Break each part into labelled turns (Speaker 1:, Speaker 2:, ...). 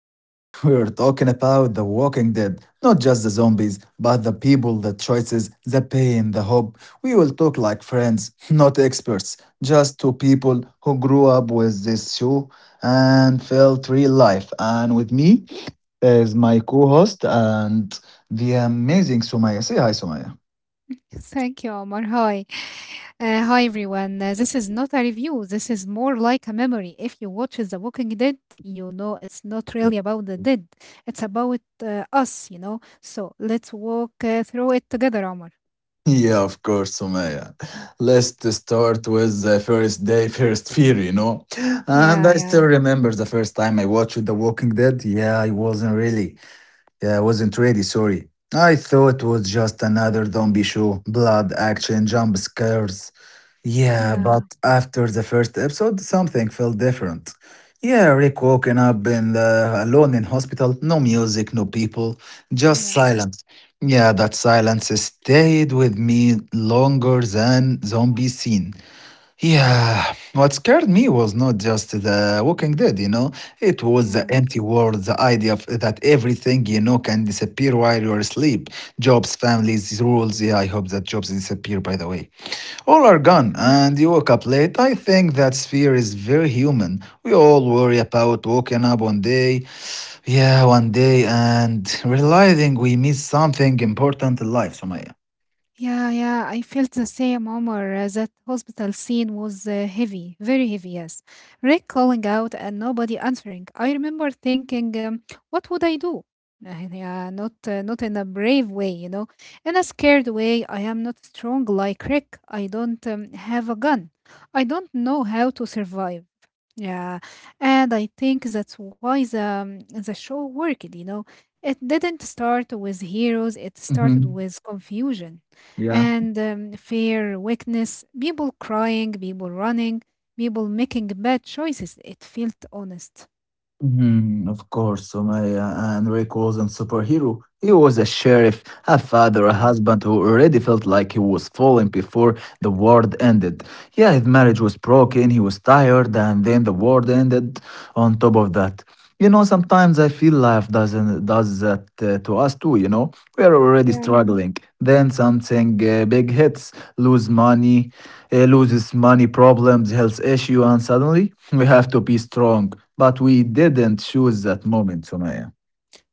Speaker 1: Today, we're talking about The Walking Dead, not just the zombies, but the people, the choices, the pain, the hope. We will talk like friends, not experts, just two people who grew up with this show and felt real life. And with me is my co host and the amazing Sumaya. Say hi, Sumaya.
Speaker 2: Thank you, Omar. Hi. Hi, everyone. This is not a review. This is more like a memory. If you watch The Walking Dead, you know it's not really about the dead. It's about us, you know. So let's walk through it together, Omar.
Speaker 1: Yeah, of course, Sumaya. Let's start with the first day, first fear, you know. And
Speaker 2: Yeah,
Speaker 1: I still
Speaker 2: yeah,
Speaker 1: remember the first time I watched The Walking Dead. Yeah, I wasn't really. Yeah, I wasn't ready, sorry. I thought it was just another zombie show, blood, action, jump scares. Yeah, but
Speaker 2: yeah,
Speaker 1: after the first episode, something felt different. Yeah, Rick woken up in the, alone in hospital, no music, no people, just
Speaker 2: yes,
Speaker 1: silence. Yeah, that silence stayed with me longer than zombie scene. Yeah, what scared me was not just the Walking Dead, it was the
Speaker 2: yeah.
Speaker 1: empty world, the idea of that everything you know can disappear while you're asleep. Jobs, families, rules. Yeah, I hope that jobs disappear, by the way. All are gone, and you woke up late. I think that fear is very human. We all worry about waking up one day, yeah, one day, and realizing we miss something important in life, Sumaya.
Speaker 2: Yeah, yeah, I felt the same, Omar. That hospital scene was heavy, very heavy, yes. Rick calling out and nobody answering. I remember thinking, what would I do? Yeah not not in a brave way, you know, in a scared way. I am not strong like Rick. I don't have a gun. I don't know how to survive. Yeah, and I think that's why the show worked, you know. It didn't start with heroes, it started
Speaker 1: Mm-hmm.
Speaker 2: with confusion
Speaker 1: Yeah.
Speaker 2: and fear, weakness, people crying, people running, people making bad choices. It felt honest.
Speaker 1: Mhm, of course, Sumaya. And Rick wasn't superhero. He was a sheriff, a father, a
Speaker 2: Yeah.
Speaker 1: husband who already felt like he was falling before the world ended. Yeah, his marriage was broken, he was tired, and then the world ended on top of that. You know, sometimes I feel life doesn't does that to us too. You know, we are already
Speaker 2: Yeah.
Speaker 1: struggling. Then something big hits: lose money, loses money, problems, health issue, and suddenly we have to be strong. But we didn't choose that moment, Sumaya.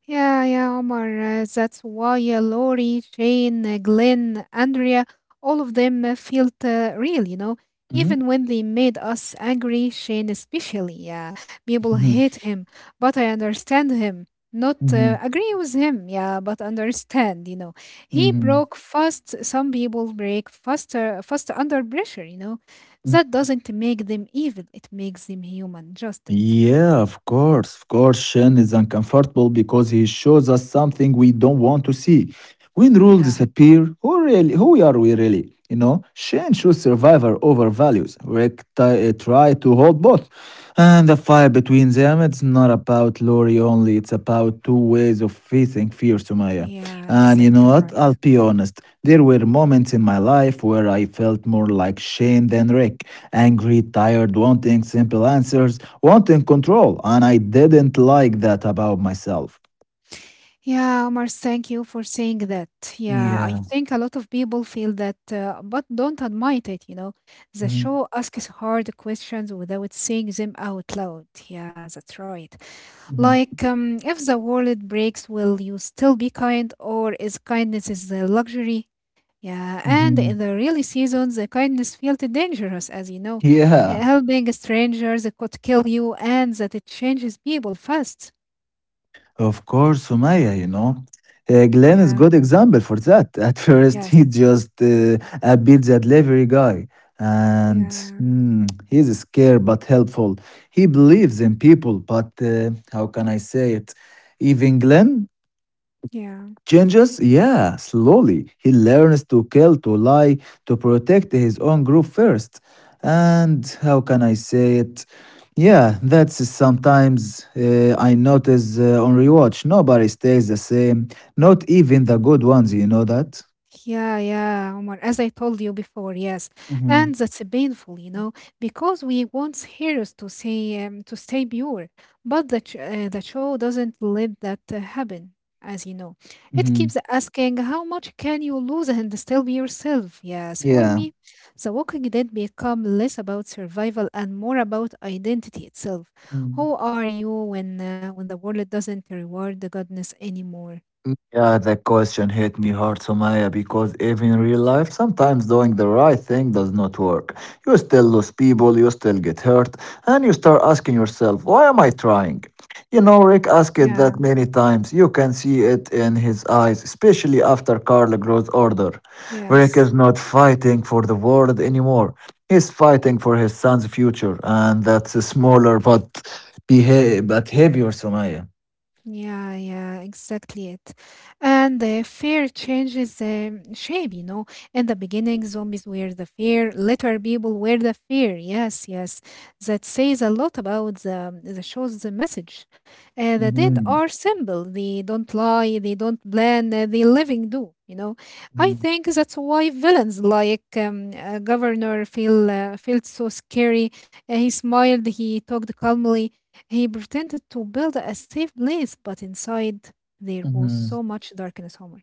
Speaker 2: Yeah, yeah, Omar. That's why Lori, Shane, Glenn, Andrea, all of them felt real, you know.
Speaker 1: Mm-hmm.
Speaker 2: Even when they made us angry, Shane especially. Yeah, people hate him, but I understand him. Not
Speaker 1: Mm-hmm.
Speaker 2: agree with him, yeah, but understand, you know. He
Speaker 1: Mm-hmm.
Speaker 2: broke fast. Some people break faster, faster under pressure, you know. That doesn't make them evil. It makes them human. Just it.
Speaker 1: Yeah, of course, Shen is uncomfortable because he shows us something we don't want to see. When rules
Speaker 2: Yeah,
Speaker 1: disappear, who really, who are we really? You know, Shen shows survivor over values. Try to hold both, and the fight between them. It's not about Lori only. It's about two ways of facing fear, Sumaya.
Speaker 2: yeah,
Speaker 1: And you know
Speaker 2: exactly
Speaker 1: what? I'll
Speaker 2: right.
Speaker 1: be honest. There were moments in my life where I felt more like Shane than Rick. Angry, tired, wanting simple answers want in control. And I didn't like that about myself.
Speaker 2: Yeah, Omar, thank you for saying that. Yeah, I
Speaker 1: Yeah.
Speaker 2: think a lot of people feel that, but don't admit it, you know. The
Speaker 1: Mhm,
Speaker 2: show asks hard questions without saying them out loud. Yeah, that's right.
Speaker 1: mhm,
Speaker 2: Like, if the world breaks, will you still be kind, or is kindness is a luxury? Yeah, and
Speaker 1: mhm.
Speaker 2: in the early seasons, the kindness felt dangerous, as you know. Uh,
Speaker 1: Yeah.
Speaker 2: Helping strangers could kill you, and that it changes people fast.
Speaker 1: Of course, Sumaya, you know. Glenn is
Speaker 2: Yeah,
Speaker 1: good example for that. At first,
Speaker 2: yes,
Speaker 1: he just beat the delivery guy. And
Speaker 2: yeah.
Speaker 1: he's scared but helpful. He believes in people, but how can I say it? Even Glenn
Speaker 2: Yeah.
Speaker 1: changes? Yeah, slowly. He learns to kill, to lie, to protect his own group first. And how can I say it? Yeah, that's sometimes I notice on rewatch. Nobody stays the same. Not even the good ones, you know that?
Speaker 2: Yeah, yeah, Omar. As I told you before, yes,
Speaker 1: Mm-hmm.
Speaker 2: and that's painful, you know, because we want heroes to say to stay pure, but the show doesn't let that happen, as you know. It
Speaker 1: Mm-hmm.
Speaker 2: keeps asking how much can you lose and still be yourself. Yes, for
Speaker 1: Yeah.
Speaker 2: me, The Walking Dead become less about survival and more about identity itself. Who are you when when the world doesn't reward the goodness anymore?
Speaker 1: Yeah, that question hit me hard, Somaya, because even in real life, sometimes doing the right thing does not work. You still lose people, you still get hurt, and you start asking yourself, why am I trying? You know, Rick asked it
Speaker 2: Yeah.
Speaker 1: that many times. You can see it in his eyes, especially after Carl grows older. Rick
Speaker 2: Yes.
Speaker 1: is not fighting for the world anymore. He's fighting for his son's future, and that's a smaller but, but heavier, Somaya.
Speaker 2: Yeah, yeah, exactly it. And the fear changes shape, you know. In the beginning, zombies were the fear. Later, people were the fear. Yes, yes. That says a lot about the show's the message. The dead
Speaker 1: Mhm.
Speaker 2: are simple. They don't lie. They don't plan. The living do, you know. I think that's why villains like Governor felt so scary. He smiled. He talked calmly. He pretended to build a safe place, but inside there was
Speaker 1: Mhm.
Speaker 2: so much darkness, Omar.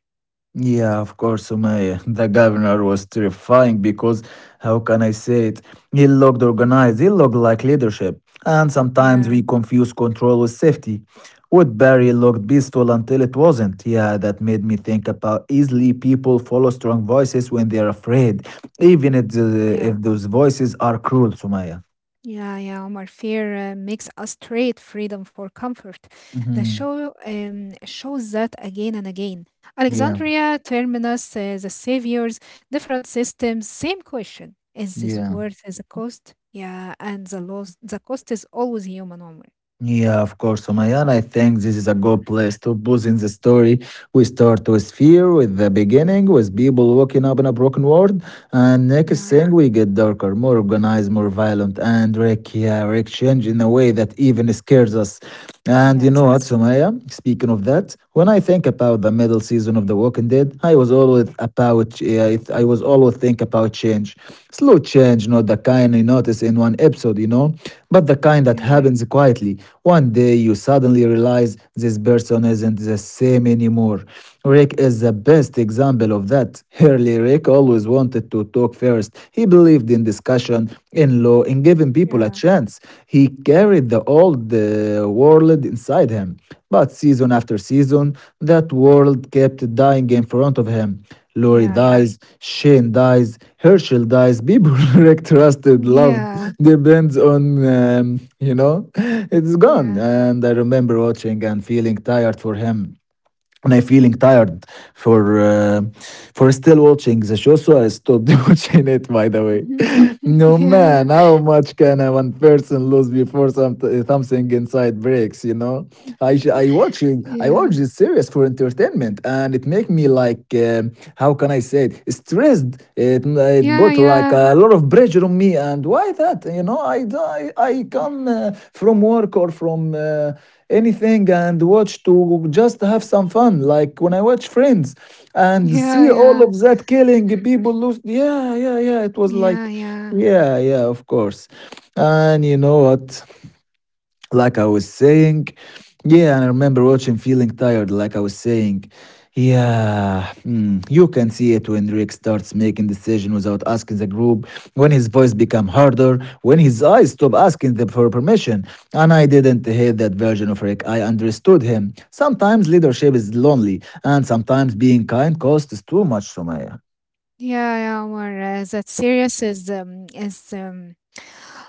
Speaker 1: Yeah, of course, Sumaya. The governor was terrifying because, how can I say it? He looked organized, he looked like leadership. And sometimes we
Speaker 2: Yeah,
Speaker 1: confuse control with safety. Woodbury looked peaceful until it wasn't. Yeah, that made me think about easily people follow strong voices when they're afraid, even if, the, if
Speaker 2: yeah,
Speaker 1: those voices are cruel, Sumaya.
Speaker 2: yeah, yeah, Omar. Fear makes us trade freedom for comfort. The
Speaker 1: hmm
Speaker 2: show shows that again and again.
Speaker 1: Yeah,
Speaker 2: Alexandria, Terminus, the saviors, different systems, same question. Is this
Speaker 1: yeah.
Speaker 2: worth the cost? Yeah, and the cost is always human, Omar.
Speaker 1: Yeah, of course, Umayyan. I think this is a good place to pause in the story. We start with fear, with the beginning, with people waking up in a broken world, and next
Speaker 2: Yeah,
Speaker 1: thing we get darker, more organized, more violent, and Rick, yeah, Rick change in a way that even scares us. And you know what,
Speaker 2: yes.
Speaker 1: Sumaya? Speaking of that, when I think about the middle season of The Walking Dead, I was always about, ch- yeah, I was always think about change, slow change, not the kind you notice in one episode, you know, but the kind that
Speaker 2: Yeah,
Speaker 1: happens quietly. One day you suddenly realize this person isn't the same anymore. Rick is the best example of that. Early Rick always wanted to talk first. He believed in discussion, in law, in giving people a
Speaker 2: yeah,
Speaker 1: chance. He carried the old world inside him. But season after season, that world kept dying in front of him. Lori
Speaker 2: yeah, yeah,
Speaker 1: dies, Shane dies, Herschel dies. People Rick trusted, loved,
Speaker 2: yeah,
Speaker 1: depends on, you know, it's gone.
Speaker 2: yeah.
Speaker 1: And I remember watching and feeling tired for him and I feeling tired for uh, for still watching the show, so I stopped watching it. By the way,
Speaker 2: Mhm.
Speaker 1: no
Speaker 2: Yeah.
Speaker 1: man, how much can a one person lose before something inside breaks? You know,
Speaker 2: Mhm.
Speaker 1: I sh- I watch it- I
Speaker 2: Yeah.
Speaker 1: watch this series for entertainment, and it make me like how can I say it stressed. It
Speaker 2: Yeah,
Speaker 1: put like
Speaker 2: yeah.
Speaker 1: a lot of pressure on me, and why that? You know, I
Speaker 2: Mhm.
Speaker 1: come from work or from. Anything and watch to just have some fun. Like when I watch Friends and
Speaker 2: Yeah,
Speaker 1: see all
Speaker 2: yeah.
Speaker 1: of that killing people lose. Yeah, yeah, yeah. It was
Speaker 2: Yeah,
Speaker 1: like,
Speaker 2: yeah.
Speaker 1: yeah, yeah, of course. And you know what? Like I was saying, yeah, and I remember watching feeling tired, like I was saying, yeah, you can see it when Rick starts making decision without asking the group, when his voice become harder, when his eyes stop asking them for permission. And I didn't hate that version of Rick. I understood him. Sometimes leadership is lonely, and sometimes being kind costs too much, Sumaya.
Speaker 2: Yeah, yeah, Omar. That serious is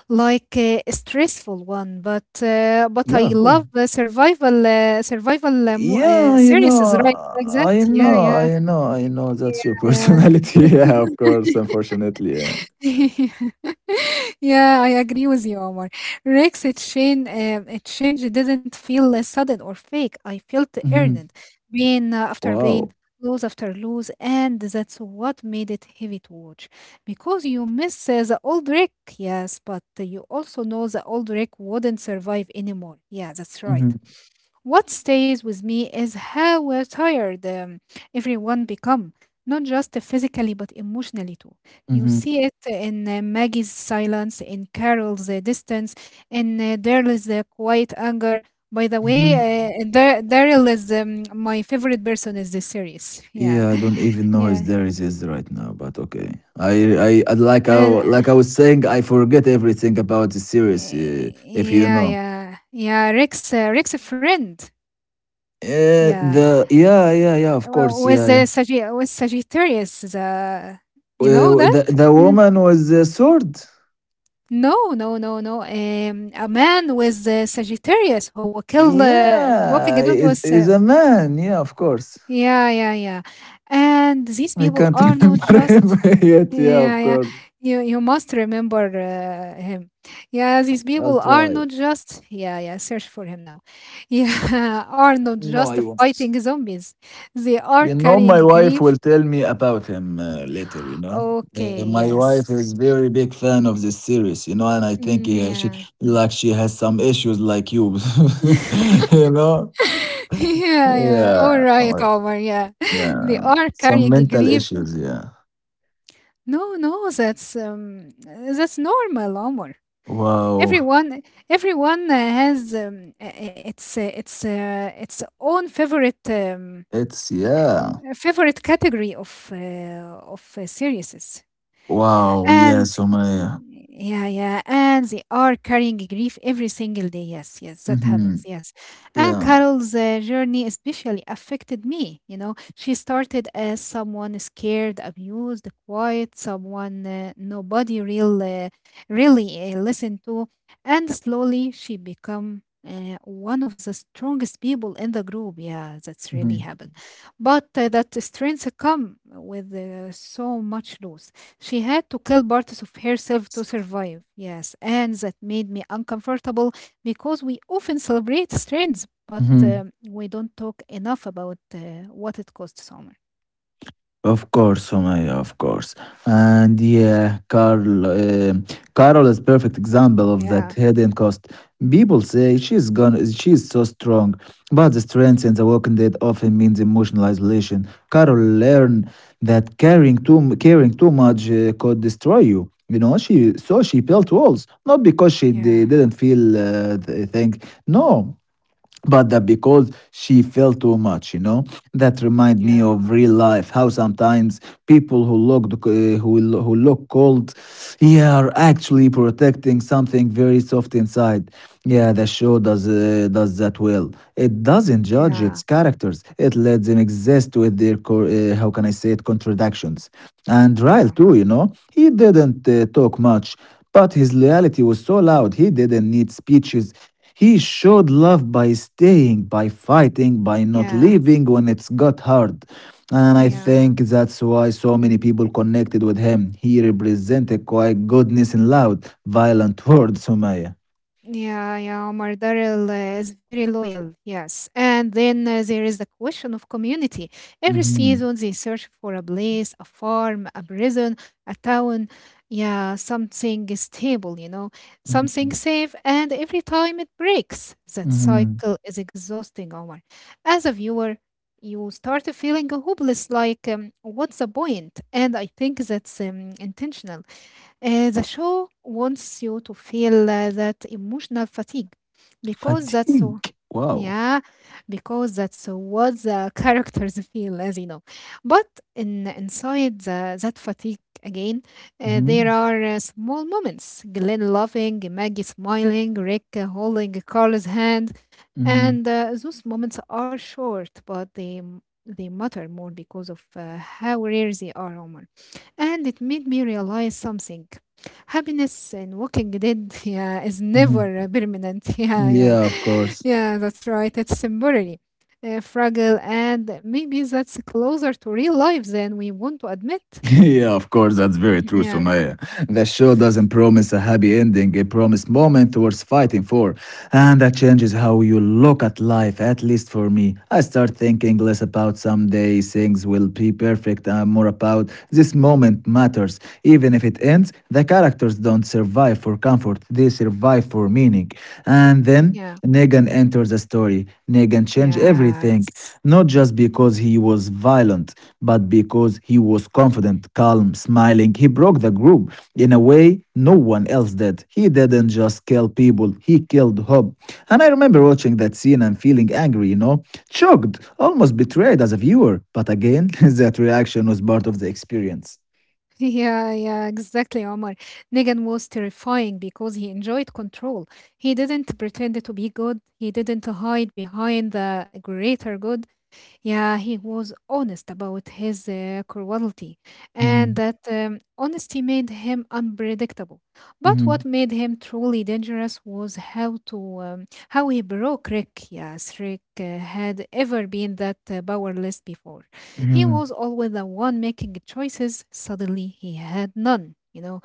Speaker 2: like a stressful one, but
Speaker 1: Yeah,
Speaker 2: I
Speaker 1: of course.
Speaker 2: love the survival
Speaker 1: Yeah, you
Speaker 2: series is
Speaker 1: know,
Speaker 2: right like that. Yeah, yeah,
Speaker 1: I know
Speaker 2: yeah,
Speaker 1: that's your
Speaker 2: yeah.
Speaker 1: personality. Yeah, of course, unfortunately. Yeah.
Speaker 2: yeah, I agree with you, Omar. Exchange didn't feel sudden or fake. I felt earned,
Speaker 1: hmm
Speaker 2: pain after pain,
Speaker 1: Wow.
Speaker 2: lose after lose, and that's what made it heavy to watch. Because you miss the old Rick, yes, but you also know the old Rick wouldn't survive anymore. Yeah, that's right.
Speaker 1: hmm
Speaker 2: What stays with me is how tired everyone become, not just physically but emotionally too. You
Speaker 1: hmm
Speaker 2: see it in Maggie's silence, in Carol's distance, in Daryl's quiet anger. By the way,
Speaker 1: hmm
Speaker 2: Daryl is my favorite person in this series. Yeah,
Speaker 1: Yeah, I don't even know if
Speaker 2: yeah,
Speaker 1: there it is right now, but okay. Like I,
Speaker 2: uh,
Speaker 1: like I was saying, I forget everything about the series. If you
Speaker 2: yeah,
Speaker 1: know,
Speaker 2: yeah, yeah. Rick's a friend. Yeah,
Speaker 1: the yeah, yeah, yeah, of
Speaker 2: well,
Speaker 1: course,
Speaker 2: with
Speaker 1: yeah. Yeah.
Speaker 2: with Sagittarius, the you know that?
Speaker 1: The
Speaker 2: Mm.
Speaker 1: woman was a sword.
Speaker 2: No, no, no, no. A man with the Sagittarius who killed walking
Speaker 1: Yeah,
Speaker 2: dude was
Speaker 1: is a man. Yeah, of course.
Speaker 2: yeah, yeah, yeah. And these
Speaker 1: I
Speaker 2: people
Speaker 1: can't
Speaker 2: are not
Speaker 1: remember him
Speaker 2: just
Speaker 1: yet. Yeah,
Speaker 2: yeah,
Speaker 1: of
Speaker 2: yeah.
Speaker 1: course.
Speaker 2: You must remember him. Yeah, these
Speaker 1: I'll
Speaker 2: people are
Speaker 1: try.
Speaker 2: not just yeah, yeah. Search for him now. Yeah, are not
Speaker 1: No,
Speaker 2: just
Speaker 1: I won't.
Speaker 2: fighting zombies. They are
Speaker 1: You know,
Speaker 2: carrying
Speaker 1: my wife
Speaker 2: grief.
Speaker 1: will tell me about him later, you know.
Speaker 2: Okay,
Speaker 1: My wife
Speaker 2: yes.
Speaker 1: is very big fan of this series, you know, and I think
Speaker 2: Mm,
Speaker 1: yeah, she
Speaker 2: yeah.
Speaker 1: like she has some issues like you, you know.
Speaker 2: yeah, yeah. All
Speaker 1: Yeah,
Speaker 2: right, Omar. Yeah, they
Speaker 1: yeah,
Speaker 2: are
Speaker 1: some
Speaker 2: carrying a
Speaker 1: mental
Speaker 2: grief.
Speaker 1: issues. Yeah.
Speaker 2: No, no, that's normal, Omar.
Speaker 1: Wow.
Speaker 2: Everyone, everyone has its own favorite
Speaker 1: It's yeah.
Speaker 2: favorite category of series.
Speaker 1: Wow. Yeah.
Speaker 2: And
Speaker 1: So many. Yeah.
Speaker 2: yeah, yeah, and they are carrying grief every single day. Yes, yes, that
Speaker 1: hmm
Speaker 2: happens. Yes, and
Speaker 1: Yeah.
Speaker 2: Carol's journey especially affected me. You know, she started as someone scared, abused, quiet, someone nobody real, really listened to, and slowly she become. One of the strongest people in the group, yeah, that's really happened. But that strength come with so much loss. She had to kill parts of herself to survive. Yes, and that made me uncomfortable because we often celebrate strengths, but
Speaker 1: hmm
Speaker 2: we don't talk enough about what it costs, Summer.
Speaker 1: Of course, Somaya, of course. And yeah, Carol is perfect example of that
Speaker 2: Yeah,
Speaker 1: hidden cost. People say she's gone, she's so strong, but the strength in The Walking Dead often means emotional isolation. Carol learned that caring too much could destroy you. You know, she built walls, not because
Speaker 2: yeah,
Speaker 1: didn't feel things. No, but that because she felt too much, you know, that remind me
Speaker 2: yeah,
Speaker 1: of real life how sometimes people who look who look cold, yeah, are actually protecting something very soft inside. Yeah, the show does that well, it doesn't judge
Speaker 2: yeah,
Speaker 1: its characters, it lets them exist with their how can I say it, contradictions. And Ryle
Speaker 2: yeah,
Speaker 1: too, you know, he didn't talk much, but his loyalty was so loud, he didn't need speeches, he showed love by staying, by fighting, by not
Speaker 2: yeah,
Speaker 1: leaving when it's got hard. And I
Speaker 2: yeah.
Speaker 1: think that's why so many people connected with him. He represented quite goodness in loud, violent words, Sumaya.
Speaker 2: Yeah, yeah, Mardaril is very loyal, yes. And then there is the question of community. Every
Speaker 1: Mhm,
Speaker 2: season, they search for a place, a farm, a prison, a town, yeah, something stable, you know, something
Speaker 1: mhm,
Speaker 2: safe. And every time it breaks, that
Speaker 1: mhm.
Speaker 2: cycle is exhausting, Omar. As a viewer, you start feeling hopeless, like, what's the point? And I think that's intentional. The show wants you to feel that emotional fatigue because that's so
Speaker 1: Fatigue. Wow.
Speaker 2: yeah because that's what the characters feel as you know but in inside that fatigue again there
Speaker 1: Mhm,
Speaker 2: are small moments, glenn laughing, maggie smiling, rick holding carl's hand,
Speaker 1: mhm,
Speaker 2: and those moments are short, but they matter more because of how rare they are, Omar. And it made me realize something: happiness in Walking Dead, yeah, is never
Speaker 1: mhm.
Speaker 2: permanent. Yeah, yeah,
Speaker 1: Yeah, of course.
Speaker 2: yeah. That's right. It's temporary, fragile, and maybe that's closer to real life than we want to admit.
Speaker 1: Yeah, of course, that's very true,
Speaker 2: Yeah,
Speaker 1: Sumaya. The show doesn't promise a happy ending, it promises moments worth fighting for. And that changes how you look at life, at least for me. I start thinking less about someday things will be perfect and more about this moment matters. Even if it ends, the characters don't survive for comfort, they survive for meaning. And then
Speaker 2: yeah,
Speaker 1: Negan enters the story. Negan changed everything,
Speaker 2: yes.
Speaker 1: not just because he was violent, but because he was confident, calm, smiling. He broke the group in a way no one else did. He didn't just kill people, he killed hope. And I remember watching that scene and feeling angry, you know, shocked, almost betrayed as a viewer. But again, that reaction was part of the experience.
Speaker 2: Yeah, yeah, exactly, Omar. Negan was terrifying because he enjoyed control. He didn't pretend to be good. He didn't hide behind the greater good. Yeah, he was honest about his cruelty, and
Speaker 1: Mhm,
Speaker 2: that honesty made him unpredictable. But
Speaker 1: mhm,
Speaker 2: what made him truly dangerous was how he broke Rick. Yes, Rick had ever been that powerless before. He
Speaker 1: mhm,
Speaker 2: was always the one making choices. Suddenly, he had none. You know,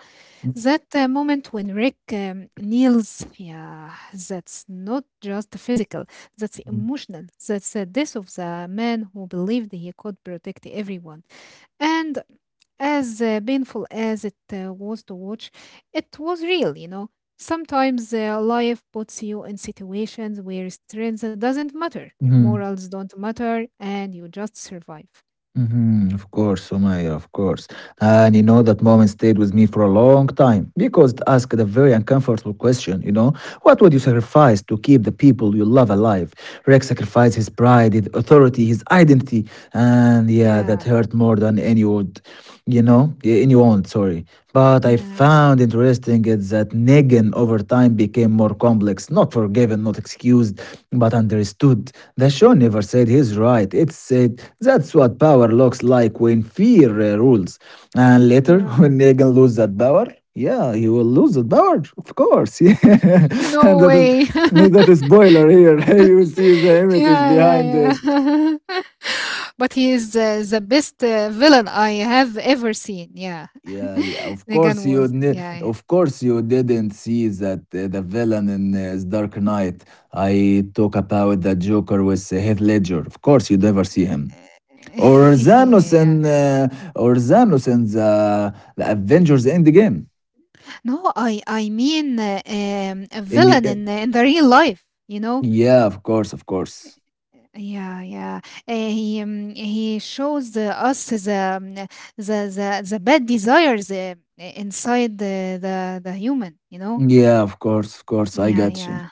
Speaker 2: that moment when Rick kneels, yeah, that's not just physical, that's
Speaker 1: mhm,
Speaker 2: emotional. That's the death of the man who believed he could protect everyone. And as painful as it was to watch, it was real, you know. Sometimes life puts you in situations where strength doesn't matter,
Speaker 1: mhm.
Speaker 2: morals don't matter, and you just survive.
Speaker 1: Mhm, of course, Sumaya, of course. And you know, that moment stayed with me for a long time because it asked a very uncomfortable question, what would you sacrifice to keep the people you love alive? Rex sacrificed his pride, his authority, his identity, and yeah, that
Speaker 2: Yeah,
Speaker 1: hurt more than any would, anyone, sorry. But I
Speaker 2: yeah,
Speaker 1: found interesting is that Negan over time became more complex, not forgiven, not excused, but understood. The show never said he's right. It said that's what power looks like when fear rules. And later,
Speaker 2: yeah.
Speaker 1: when Negan loses that power, yeah, you will lose that power, of course. Yeah, and
Speaker 2: No way.
Speaker 1: that is spoiler here. You see the images
Speaker 2: yeah, yeah,
Speaker 1: behind it.
Speaker 2: yeah. But he is the best villain I have ever seen. Yeah,
Speaker 1: Yeah, yeah, of
Speaker 2: Negan
Speaker 1: course you
Speaker 2: was. Yeah. yeah.
Speaker 1: of course you didn't see that the villain in Dark Knight. I talk about the Joker with Heath Ledger. Of course you never see him. Or Thanos
Speaker 2: Yeah.
Speaker 1: in uh, Thanos in the Avengers Endgame.
Speaker 2: No, I mean a
Speaker 1: In y-
Speaker 2: villain in the real life. You know.
Speaker 1: yeah, of course, of course.
Speaker 2: Yeah, yeah. He he shows us um, the bad desires inside the human. You know.
Speaker 1: Yeah, of course, of course. I
Speaker 2: Yeah,
Speaker 1: got you.
Speaker 2: yeah.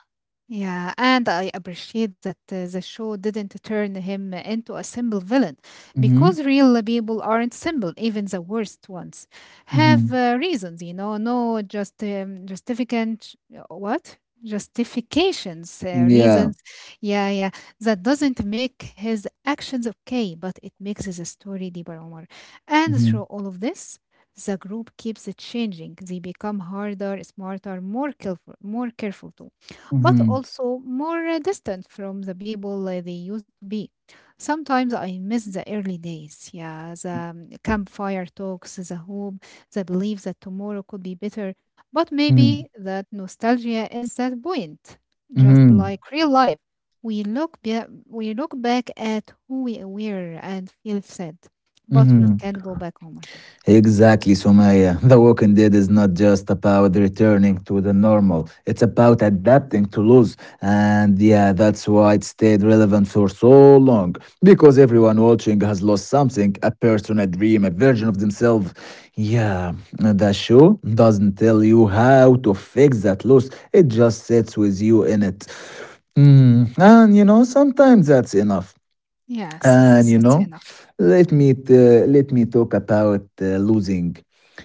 Speaker 2: Yeah, and I appreciate that the show didn't turn him into a simple villain,
Speaker 1: Mm-hmm.
Speaker 2: because real people aren't simple, even the worst ones have
Speaker 1: Mhm.
Speaker 2: reasons, you know, no just justificant what? Justifications,
Speaker 1: Yeah.
Speaker 2: reasons. Yeah, yeah. That doesn't make his actions okay, but it makes the story deeper. And through
Speaker 1: Mhm.
Speaker 2: all of this, the group keeps changing. They become harder, smarter, more careful too, but
Speaker 1: Mhm.
Speaker 2: also more distant from the people they used to be. Sometimes I miss the early days, yeah, the campfire talks, the hope, the belief that tomorrow could be better. But maybe
Speaker 1: Mhm.
Speaker 2: that nostalgia is that point, just
Speaker 1: Mhm.
Speaker 2: like real life. We look, we look back at who we were and feel sad, but we
Speaker 1: Mhm.
Speaker 2: can't go back, home.
Speaker 1: Exactly, Sumaya. The Walking Dead is not just about returning to the normal, it's about adapting to loss. And yeah, that's why it stayed relevant for so long. Because everyone watching has lost something, a person, a dream, a version of themselves. Yeah, the show doesn't tell you how to fix that loss, it just sits with you in it. Mm, and you know, sometimes that's enough.
Speaker 2: Yes, yes,
Speaker 1: And you
Speaker 2: that's
Speaker 1: know,
Speaker 2: enough.
Speaker 1: let me talk about losing,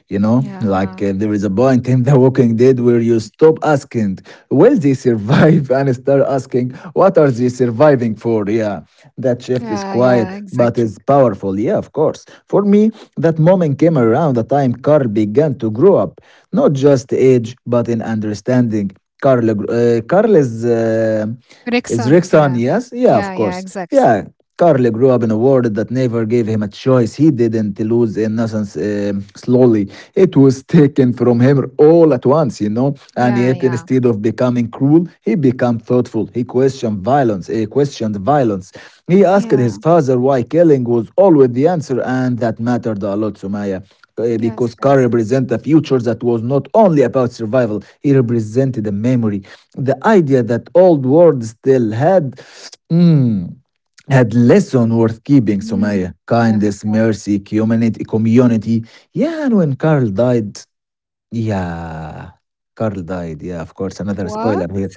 Speaker 1: you know, like
Speaker 2: Yeah,
Speaker 1: uh, there is a point in the Walking Dead where you stop asking will they survive and start asking what are they surviving for. Yeah, that shift is
Speaker 2: yeah, yeah,
Speaker 1: quiet but
Speaker 2: exactly.
Speaker 1: it's powerful. Yeah, of course, for me that moment came around the time Carl began to grow up, not just age but in understanding. Carl's is Rick.
Speaker 2: Rickson, yeah,
Speaker 1: Yes. Yeah, of
Speaker 2: yeah, yeah,
Speaker 1: course.
Speaker 2: exactly.
Speaker 1: Yeah. Carly grew up in a world that never gave him a choice. He didn't lose innocence slowly. It was taken from him all at once, you know. And
Speaker 2: Yeah,
Speaker 1: yet,
Speaker 2: yeah,
Speaker 1: instead of becoming cruel, he became thoughtful. He questioned violence. He questioned violence. He asked
Speaker 2: yeah,
Speaker 1: his father why killing was always the answer, and that mattered a lot to Maya.
Speaker 2: yes,
Speaker 1: Because Carr
Speaker 2: yes.
Speaker 1: represents a future that was not only about survival, he represented a memory. The idea that old world still had, mm, had lesson worth keeping,
Speaker 2: Mm,
Speaker 1: Somaya.
Speaker 2: yeah.
Speaker 1: Kindness, mercy, humanity, community. Yeah, and when yeah, Carl died. Yeah, of course, another
Speaker 2: What?
Speaker 1: spoiler here.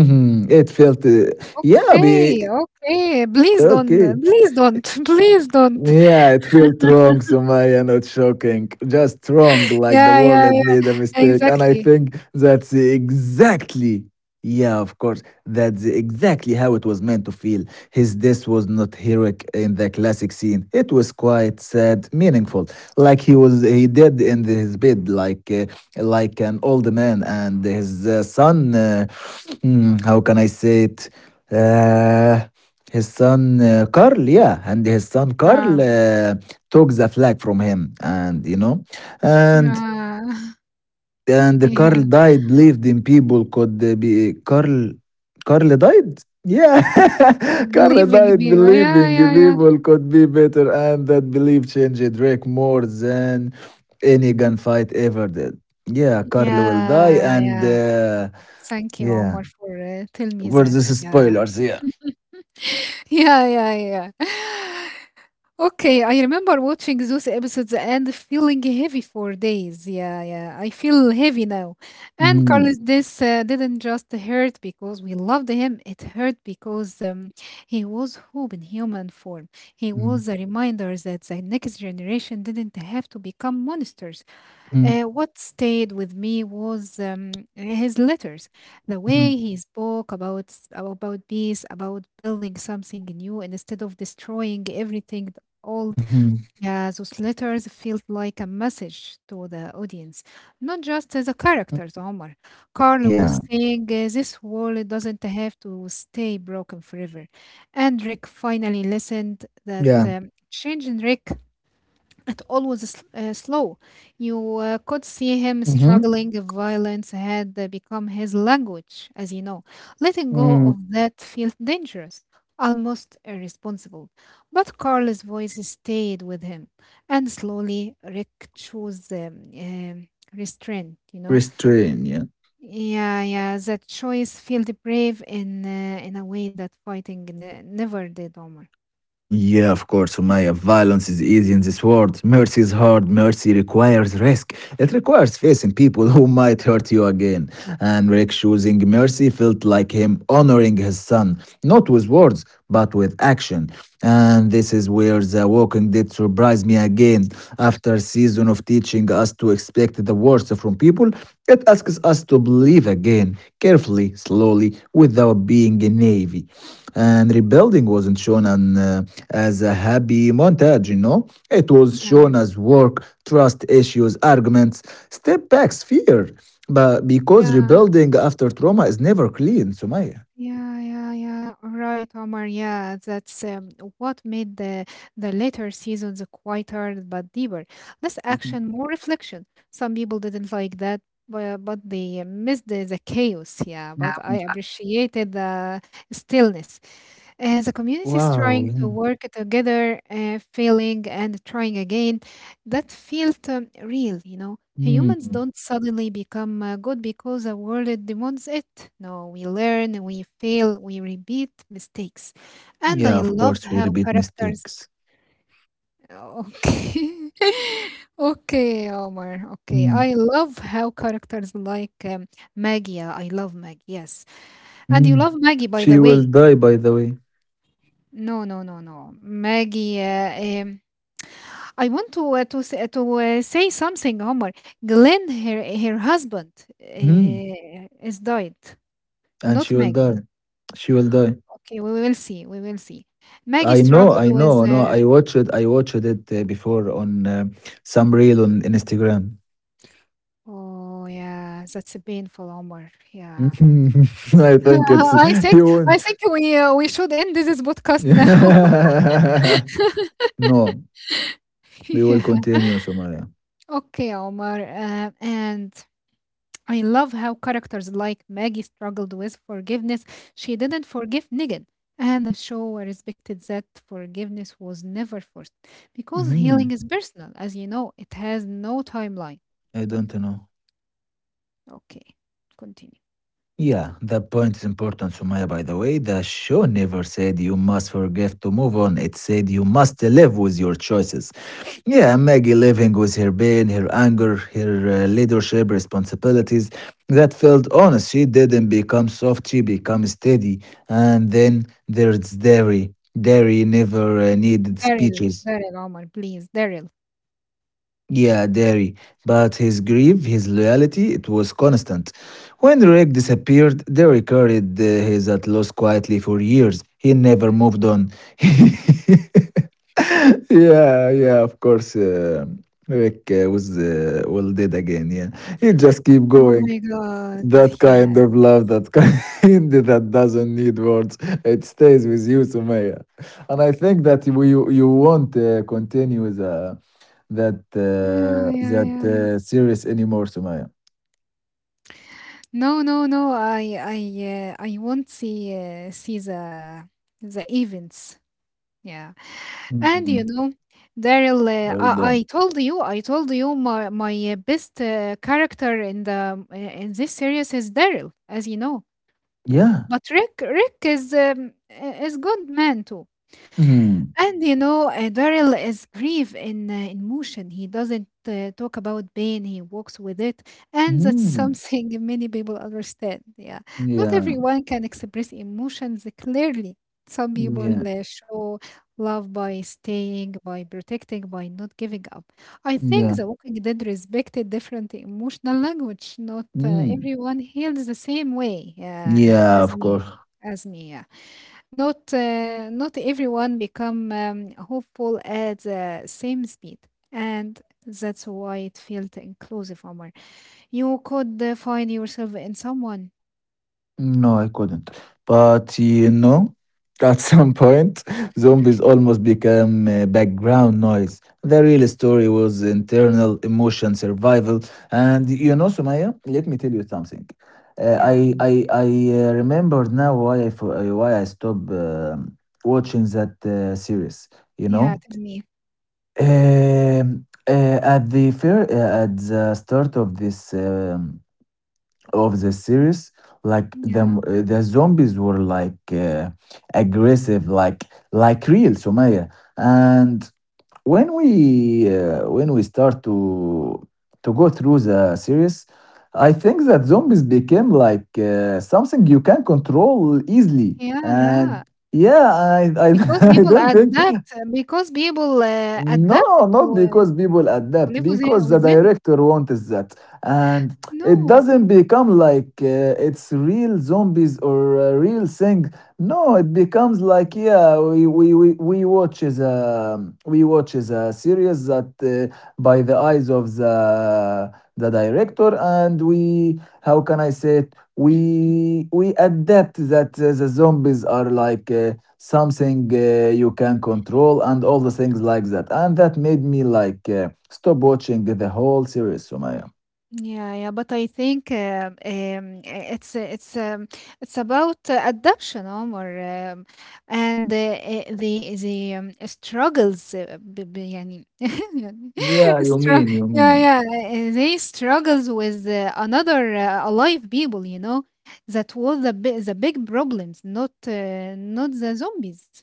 Speaker 1: Mhm. It felt, yeah,
Speaker 2: Okay,
Speaker 1: be,
Speaker 2: okay.
Speaker 1: okay.
Speaker 2: Please don't, please don't.
Speaker 1: Yeah, it felt wrong, Sumaya, not shocking. Just wrong, like the
Speaker 2: Yeah,
Speaker 1: world
Speaker 2: yeah,
Speaker 1: had made a mistake. And I
Speaker 2: exactly.
Speaker 1: think that's exactly, yeah, of course, that's exactly how it was meant to feel. His death was not heroic in the classic scene. It was quite sad, meaningful, like he was, he did in his bed like like an old man and his son, mm, how can I say it, uh, his son, Carl, yeah, and his son
Speaker 2: Yeah.
Speaker 1: Carl uh, took the flag from him, and you know, and
Speaker 2: Yeah.
Speaker 1: Carl
Speaker 2: Yeah.
Speaker 1: died, lived in people could be Carl. Carl died. Yeah, Carl
Speaker 2: Believing
Speaker 1: died
Speaker 2: me. Yeah,
Speaker 1: believing
Speaker 2: yeah, yeah.
Speaker 1: people could be better, and that belief changed Drake more than any gunfight ever did. Yeah, Carl will die,
Speaker 2: Yeah,
Speaker 1: and
Speaker 2: yeah. Thank you,
Speaker 1: yeah,
Speaker 2: Omar, for tell me that.
Speaker 1: versus
Speaker 2: Yeah.
Speaker 1: spoilers. Yeah.
Speaker 2: Yeah, yeah, yeah. Okay, I remember watching those episodes and feeling heavy for days. Yeah, yeah, I feel heavy now. And
Speaker 1: Mhm,
Speaker 2: Carlos, this didn't just hurt because we loved him, it hurt because he was hope in human form. He
Speaker 1: mhm,
Speaker 2: was a reminder that the next generation didn't have to become monsters.
Speaker 1: mhm,
Speaker 2: What stayed with me was his letters, the way he spoke about about peace, about building something new instead of destroying everything old.
Speaker 1: mhm,
Speaker 2: Yeah, those letters felt like a message to
Speaker 1: mhm.
Speaker 2: the audience, not
Speaker 1: Yeah.
Speaker 2: just as a characters. Omar, Carl was saying this world doesn't have to stay broken forever,
Speaker 1: Yeah.
Speaker 2: and Rick finally listened. That change in Rick, it always slow. You
Speaker 1: Mm-hmm.
Speaker 2: could see him struggling. Violence had become his language, as you know.
Speaker 1: Mm-hmm.
Speaker 2: Letting go of that felt dangerous, almost irresponsible. But Carl's voice stayed with him, and slowly Rick chose restraint.
Speaker 1: Restrain. Yeah.
Speaker 2: Yeah, yeah. That choice felt brave in a way that fighting never did, Omar.
Speaker 1: Yeah, of course, Sumaya. Violence is easy in this world. Mercy is hard. Mercy requires risk. It requires facing people who might hurt you again. And Rick choosing mercy felt like him honoring his son, not with words, but with action. And this is where The Walking Dead surprised me again. After a season of teaching us to expect the worst from people, it asks us to believe again, carefully, slowly, without being a naive. And rebuilding wasn't shown as a happy montage, you know? It was
Speaker 2: Yeah,
Speaker 1: shown as work, trust issues, arguments, step backs, fear. But because
Speaker 2: yeah.
Speaker 1: rebuilding after trauma is never clean, Sumaya.
Speaker 2: Yeah, yeah, yeah. Right, Omar. Yeah, that's what made the later seasons quieter but deeper. Less
Speaker 1: Mhm.
Speaker 2: action, more reflection. Some people didn't like that, but they missed the chaos. Yeah, but
Speaker 1: Yeah.
Speaker 2: I appreciated the stillness. The
Speaker 1: Wow.
Speaker 2: community is
Speaker 1: Yeah.
Speaker 2: trying to work together, failing and trying again. That felt real, Humans
Speaker 1: Mm.
Speaker 2: don't suddenly become good because the world demands it. No, we learn, we fail, we repeat mistakes. And
Speaker 1: Yeah,
Speaker 2: I
Speaker 1: of
Speaker 2: love
Speaker 1: course, we
Speaker 2: how
Speaker 1: repeat
Speaker 2: characters.
Speaker 1: mistakes.
Speaker 2: Okay. Okay, Omar. Okay.
Speaker 1: Mm.
Speaker 2: I love how characters like Maggie. I love Maggie. Yes. And you
Speaker 1: Mm.
Speaker 2: love Maggie, by
Speaker 1: She
Speaker 2: the
Speaker 1: will
Speaker 2: way.
Speaker 1: die, by the way.
Speaker 2: No, no, no, no. Maggie. I want to to say something, Omar. Glenn, her husband,
Speaker 1: Mhm.
Speaker 2: is died,
Speaker 1: And she
Speaker 2: not
Speaker 1: will
Speaker 2: Maggie.
Speaker 1: die. She will die.
Speaker 2: Okay, we will see. We will see. Maggie struggled
Speaker 1: I
Speaker 2: with.
Speaker 1: know, no. I watched it before on some reel on Instagram.
Speaker 2: Oh yeah, that's a painful, Omar. Yeah,
Speaker 1: I think it's
Speaker 2: I think
Speaker 1: you won.
Speaker 2: I think we should end this podcast now.
Speaker 1: No, we will
Speaker 2: yeah.
Speaker 1: continue, Sumaya.
Speaker 2: Okay, Omar. And I love how characters like Maggie struggled with forgiveness. She didn't forgive Negan, and the show respected that forgiveness was never forced because healing
Speaker 1: Mhm.
Speaker 2: is personal, as you know, it has no timeline.
Speaker 1: I don't know.
Speaker 2: Okay, continue.
Speaker 1: Yeah, that point is important, Sumaya. By the way, the show never said you must forgive to move on. It said you must live with your choices. Yeah, Maggie living with her pain, her anger, her leadership responsibilities, that felt honest. She didn't become soft, she became steady. And then there's Derry. Derry never needed
Speaker 2: Daryl,
Speaker 1: speeches.
Speaker 2: Daryl, Omar, please, Daryl.
Speaker 1: Yeah, Derry. But his grief, his loyalty, it was constant. When Rick disappeared, Derry carried his at loss quietly for years. He never moved on. Yeah, yeah, of course. Rick was well dead again. Yeah, he just keep
Speaker 2: Oh
Speaker 1: going.
Speaker 2: my God,
Speaker 1: That kind
Speaker 2: yes.
Speaker 1: of love, that kind, that doesn't need words, it stays with you, Sumaya. And I think that we you won't continue the that uh,
Speaker 2: Yeah, yeah,
Speaker 1: that
Speaker 2: yeah, yeah.
Speaker 1: uh, series anymore, Sumaya.
Speaker 2: No, no, no. I won't see, see the events. Yeah. And you
Speaker 1: Mm,
Speaker 2: know, Daryl,
Speaker 1: I don't.
Speaker 2: I told you my best character in the in this series is Daryl, as you know.
Speaker 1: Yeah.
Speaker 2: But Rick, Rick is is good man too.
Speaker 1: Mm.
Speaker 2: And you know, Daryl is grief in motion. He doesn't talk about pain. He walks with it, and that's
Speaker 1: Mm.
Speaker 2: something many people understand. Yeah, not
Speaker 1: Yeah.
Speaker 2: everyone can express emotions clearly. Some people
Speaker 1: Yeah.
Speaker 2: show love by staying, by protecting, by not giving up. I
Speaker 1: Yeah.
Speaker 2: think The Walking Dead respected different emotional language. Not
Speaker 1: Mm.
Speaker 2: everyone heals the same way. Yeah,
Speaker 1: Yeah.
Speaker 2: as
Speaker 1: Of
Speaker 2: me,
Speaker 1: course.
Speaker 2: as me. Yeah. Not everyone become hopeful at the same speed, and that's why it felt inclusive, Omar. You could find yourself in someone.
Speaker 1: No, I couldn't. But you know, at some point, zombies almost became background noise. The real story was internal emotion survival. And you know, Sumaya, let me tell you something. Uh,
Speaker 2: Yeah,
Speaker 1: I I I remember now why I why I stopped watching that series. You
Speaker 2: yeah.
Speaker 1: know,
Speaker 2: Tell me.
Speaker 1: um, uh, at the fair at the start of this, um, of the series, like the
Speaker 2: Yeah,
Speaker 1: the zombies were like aggressive, like real, Sumaya, and when we start to go through the series, I think that zombies became like something you can control easily,
Speaker 2: yeah,
Speaker 1: and
Speaker 2: yeah.
Speaker 1: yeah,
Speaker 2: Because
Speaker 1: I
Speaker 2: people
Speaker 1: don't think,
Speaker 2: adapt. Because people adapted
Speaker 1: no, not because people
Speaker 2: to
Speaker 1: adapt,
Speaker 2: live
Speaker 1: because the
Speaker 2: with them.
Speaker 1: director wants that. And it
Speaker 2: No.
Speaker 1: doesn't become like it's real zombies or a real thing. No, it becomes like, yeah, we, we watch is a, we watch is a series that by the eyes of the director, and we, how can I say it? We adapt that the zombies are like something you can control and all the things like that, and that made me like stop watching the whole series, Sumaya.
Speaker 2: Yeah, yeah, but I think it's it's it's about adaptation, Omar, and the struggles, ب- ب- يعني يعني
Speaker 1: Yeah, you
Speaker 2: strugg-
Speaker 1: mean, you
Speaker 2: yeah,
Speaker 1: mean.
Speaker 2: yeah, they struggles with another alive people, you know, that was the big problems, not the zombies.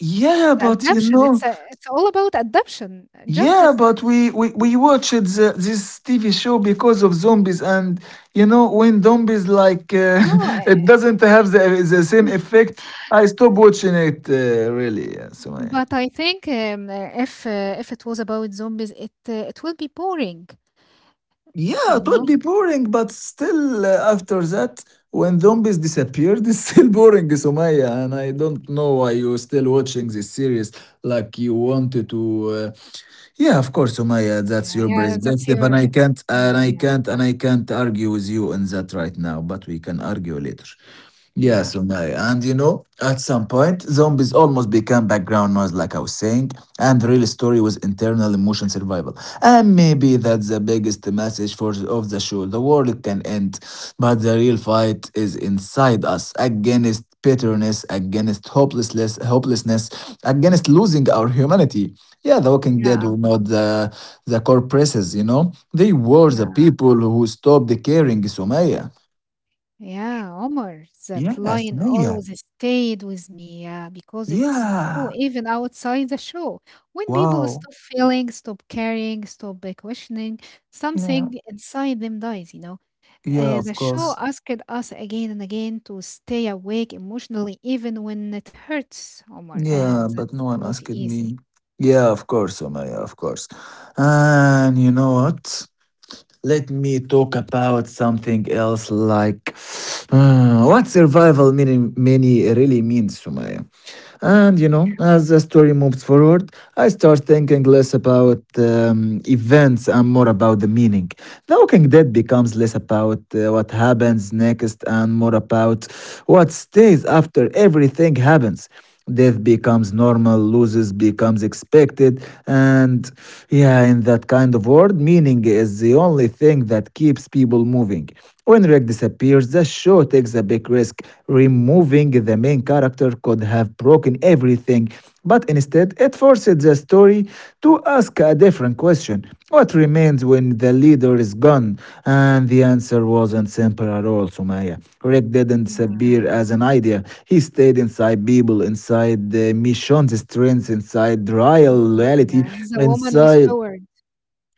Speaker 1: Yeah,
Speaker 2: The
Speaker 1: but you
Speaker 2: adoption.
Speaker 1: know,
Speaker 2: It's all about adoption. Just
Speaker 1: yeah,
Speaker 2: it,
Speaker 1: but we watched the, this TV show because of zombies, and you know, when zombies like
Speaker 2: no.
Speaker 1: it doesn't have the same effect, I stop watching it. Really, yeah, so.
Speaker 2: But I think if it was about zombies, it will be boring,
Speaker 1: Yeah,
Speaker 2: you
Speaker 1: it would
Speaker 2: know?
Speaker 1: be boring, but still, after that, when zombies disappeared, it's still boring, Sumaya. And I don't know why you're still watching this series like you wanted to. Yeah, of course, Sumaya, that's
Speaker 2: Yeah,
Speaker 1: your
Speaker 2: yeah, that's
Speaker 1: perspective,
Speaker 2: your, yeah, yeah,
Speaker 1: and I can't argue with you in that right now. But we can argue later. Yeah,
Speaker 2: yeah,
Speaker 1: so no, and you know, at some point, zombies almost became background noise, like I was saying, and the real story was internal emotion survival. And maybe that's the biggest message for of the show. The world can end, but the real fight is inside us against bitterness, against hopelessness, against losing our humanity. Yeah, The Walking Dead
Speaker 2: yeah,
Speaker 1: were not the the corpresses, you know. They were the
Speaker 2: yeah,
Speaker 1: people who stopped caring, Sumaya.
Speaker 2: yeah. Omar, that
Speaker 1: Yeah,
Speaker 2: line
Speaker 1: Sumaya.
Speaker 2: always stayed with me, yeah, because it's true,
Speaker 1: Yeah.
Speaker 2: even outside the show. When people
Speaker 1: Wow.
Speaker 2: stop feeling, stop caring, stop questioning,
Speaker 1: Yeah.
Speaker 2: something inside them dies, you know?
Speaker 1: Yeah, of
Speaker 2: The show
Speaker 1: course.
Speaker 2: asked us again and again to stay awake emotionally, even when it hurts, Omar, and
Speaker 1: Yeah, but
Speaker 2: that's
Speaker 1: no one
Speaker 2: not
Speaker 1: asked
Speaker 2: easy.
Speaker 1: me. Yeah, of course, Omaya, of course. And you know what? Let me talk about something else like, what survival many really means, Sumaya. And you
Speaker 2: Yeah,
Speaker 1: know, as the story moves forward, I start thinking less about events and more about the meaning. The Walking Dead becomes less about what happens next and more about what stays after everything happens. Death becomes normal, loses becomes expected, and yeah, in that kind of world, meaning is the only thing that keeps people moving. When Rick disappears, the show takes a big risk. Removing the main character could have broken everything, but instead it forced the story to ask a different question: what remains when the leader is gone? And the answer wasn't simple at all, Sumaya. Rick didn't disappear
Speaker 2: yeah,
Speaker 1: as an idea, he stayed inside people, inside the mission's strengths, inside real reality,
Speaker 2: yeah. The woman was
Speaker 1: inside,
Speaker 2: so worried.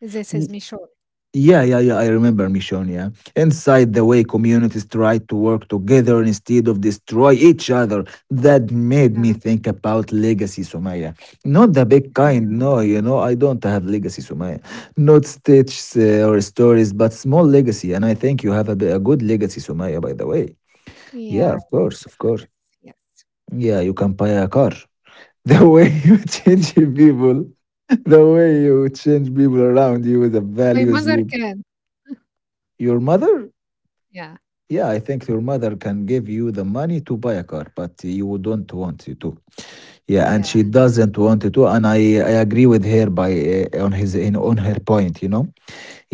Speaker 2: This is Michelle.
Speaker 1: yeah, yeah, yeah, I remember Michonne. Yeah, inside the way communities tried to work together instead of destroy each other. That made me
Speaker 2: Yeah,
Speaker 1: think about legacy, Sumaya. Not the big kind. No, you know, I don't have legacy, Sumaya. Not stitches or
Speaker 2: mm.
Speaker 1: stories, but small legacy. And I think you have a good legacy, Sumaya. By the way, yeah,
Speaker 2: Yeah,
Speaker 1: of course,
Speaker 2: exactly.
Speaker 1: of course.
Speaker 2: Yes, yes.
Speaker 1: Yeah, you can buy a car. The way you change people, the way you change people around you, the
Speaker 2: My
Speaker 1: values
Speaker 2: mother
Speaker 1: you.
Speaker 2: can.
Speaker 1: Your mother?
Speaker 2: Yeah,
Speaker 1: Yeah, I think your mother can give you the money to buy a car, but you don't want you to. Yeah, and
Speaker 2: yeah,
Speaker 1: she doesn't want you to, and I agree with her by on his in on her point, you know.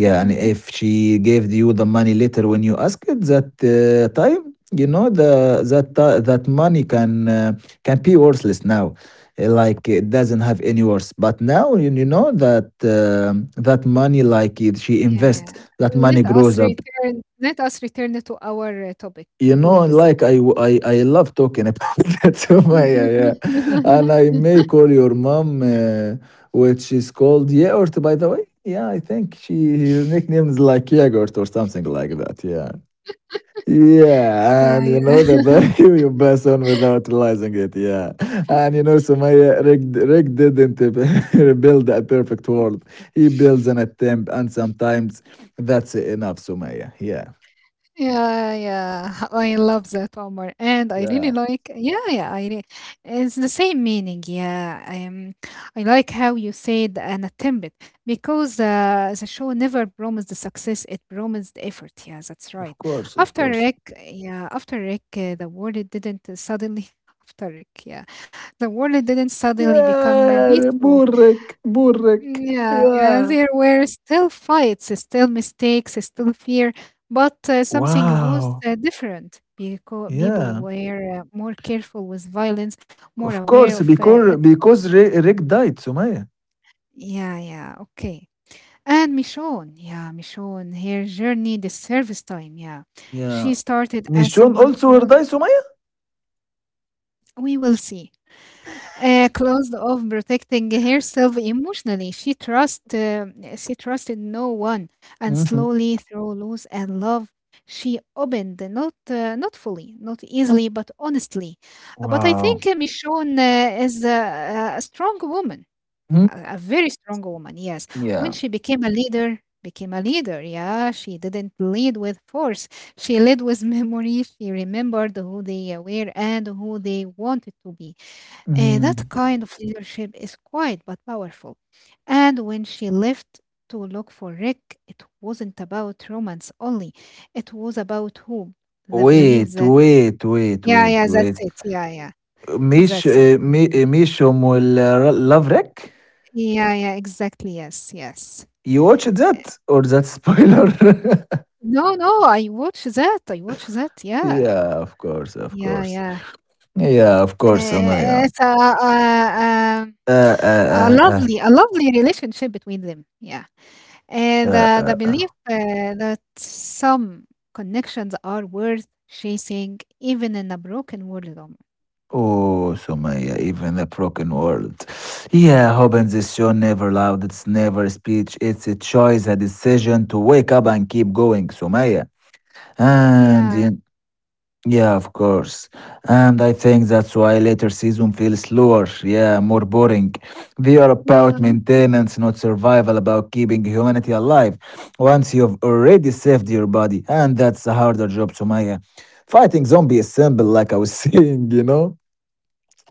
Speaker 1: and
Speaker 2: yeah,
Speaker 1: if she gave you the money later when you ask it that time, you know that money can be worthless now. Like it doesn't have any worth. But now you know that that money, like it, she
Speaker 2: yeah,
Speaker 1: invests,
Speaker 2: yeah.
Speaker 1: that money
Speaker 2: Let
Speaker 1: grows
Speaker 2: us
Speaker 1: up.
Speaker 2: return. Let us return to our topic,
Speaker 1: You know,
Speaker 2: please.
Speaker 1: like I love talking about that, Sumaya, yeah, yeah. And I may call your mom, which is called Yaort, by the way. Yeah, I think she, her nickname is like Yaort or something like that. Yeah. Yeah,
Speaker 2: yeah,
Speaker 1: and you know the
Speaker 2: yeah.
Speaker 1: value you pass on without realizing it. Yeah, and you know, Sumaya, Rick didn't build a perfect world. He builds an attempt, and sometimes that's enough, Sumaya. Yeah.
Speaker 2: Yeah, yeah. I love that, Omar. And I really
Speaker 1: Yeah,
Speaker 2: like, yeah, yeah, I re it's the same meaning. Yeah. I like how you said an attempt because the show never promised the success, it promised effort. Yeah, that's
Speaker 1: of
Speaker 2: right.
Speaker 1: course, of
Speaker 2: After
Speaker 1: course.
Speaker 2: Rick, yeah, after Rick, the world didn't suddenly, after Rick, yeah, the world didn't suddenly become
Speaker 1: Yeah,
Speaker 2: peaceful.
Speaker 1: burrek, burrek.
Speaker 2: Yeah, yeah,
Speaker 1: Yeah.
Speaker 2: there were still fights, still mistakes, still fear, but something was
Speaker 1: Wow.
Speaker 2: different because people
Speaker 1: Yeah.
Speaker 2: were more careful with violence, more
Speaker 1: Of
Speaker 2: aware
Speaker 1: course,
Speaker 2: of
Speaker 1: because
Speaker 2: its cost.
Speaker 1: Rick died, Sumaya.
Speaker 2: Yeah, yeah, okay. And Michonne, yeah, Michonne, her journey, the service time, yeah.
Speaker 1: Yeah.
Speaker 2: She started as
Speaker 1: Michonne
Speaker 2: someone
Speaker 1: also will
Speaker 2: close.
Speaker 1: die, Sumaya.
Speaker 2: We will see. Closed off protecting herself emotionally. She trusted no one, and
Speaker 1: Hmm.
Speaker 2: slowly through loss and love, she opened. Not fully, not easily, but honestly. But I think
Speaker 1: Wow.
Speaker 2: Michonne is a strong woman,
Speaker 1: Hmm?
Speaker 2: a very strong woman. Yes, when
Speaker 1: Yeah.
Speaker 2: she became a leader, became a leader. Yeah, she didn't lead with force. She led with memory. She remembered who they were and who they wanted to be. That
Speaker 1: Mm.
Speaker 2: kind of leadership is quiet but powerful. And when she left to look for Rick, it wasn't about romance only, it was about hope, the belief
Speaker 1: Wait,
Speaker 2: that,
Speaker 1: wait, wait,
Speaker 2: yeah,
Speaker 1: wait,
Speaker 2: yeah, that's
Speaker 1: wait.
Speaker 2: it. Yeah, yeah, that's it.
Speaker 1: Michonne will love Rick.
Speaker 2: Yeah, yeah, exactly. Yes, yes.
Speaker 1: You watched that or that spoiler?
Speaker 2: No, no, I watch that. I watch that. Yeah,
Speaker 1: Yeah, of course, of
Speaker 2: yeah,
Speaker 1: course.
Speaker 2: yeah.
Speaker 1: Yeah, of course, Sumaya.
Speaker 2: A
Speaker 1: Uh, uh, uh, uh.
Speaker 2: a lovely relationship between them. Yeah. Uh,
Speaker 1: Uh,
Speaker 2: the
Speaker 1: uh,
Speaker 2: the belief
Speaker 1: uh.
Speaker 2: that some connections are worth chasing, even in a broken world, Omar.
Speaker 1: Oh, Sumaya, even a broken world. Yeah, Hobbins is show never loud. It's never speech. It's a choice, a decision to wake up and keep going, Sumaya. And
Speaker 2: Yeah,
Speaker 1: in- yeah, of course. And I think that's why later season feels slower. Yeah, more boring. They are about
Speaker 2: yeah,
Speaker 1: maintenance, not survival. About keeping humanity alive. Once you've already saved your body, and that's a harder job, Sumaya. Fighting zombie is simple, like I was saying, you know,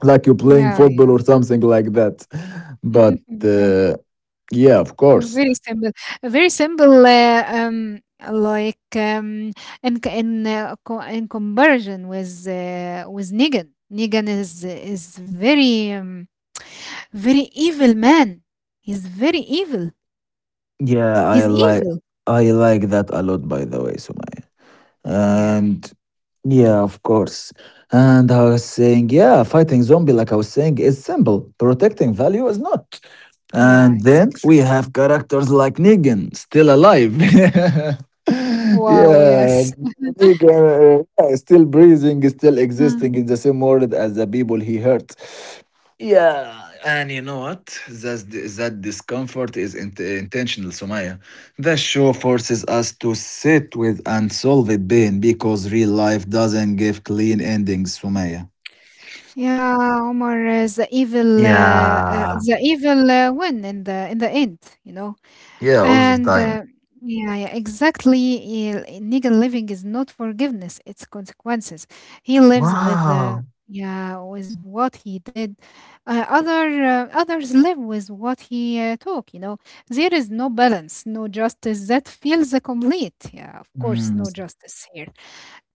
Speaker 1: like you're playing
Speaker 2: yeah,
Speaker 1: football
Speaker 2: yeah,
Speaker 1: or something like that. But
Speaker 2: yeah.
Speaker 1: yeah, of course.
Speaker 2: Very simple, very simple. Like in c- in co- in comparison with Negan. Negan is very very evil man. He's very evil.
Speaker 1: Yeah,
Speaker 2: He's evil.
Speaker 1: I like that a lot, by the way, Sumaya.
Speaker 2: Yeah,
Speaker 1: And yeah, of course. And I was saying, yeah, fighting zombie, like I was saying, is simple. Protecting value is not.
Speaker 2: yeah,
Speaker 1: And then
Speaker 2: exactly.
Speaker 1: we have characters like Negan, still alive. Yeah,
Speaker 2: Wow. Yes.
Speaker 1: Negan, yeah, still breathing, still existing in the same world as the people he hurt. Yeah, and you know what? That discomfort is intentional, Sumaya. The show forces us to sit with and solve it pain because real life doesn't give clean endings, Sumaya.
Speaker 2: Yeah, Omar,
Speaker 1: Yeah.
Speaker 2: the evil win in the end, you know.
Speaker 1: Yeah, all the
Speaker 2: And
Speaker 1: time.
Speaker 2: yeah, yeah, exactly. Yeah, legal living is not forgiveness; it's consequences. He lives with the
Speaker 1: Wow.
Speaker 2: yeah with what he did. Others live with what he took. You know, there is no balance, no justice that feels complete. Yeah, of course, no
Speaker 1: Mm.
Speaker 2: justice here.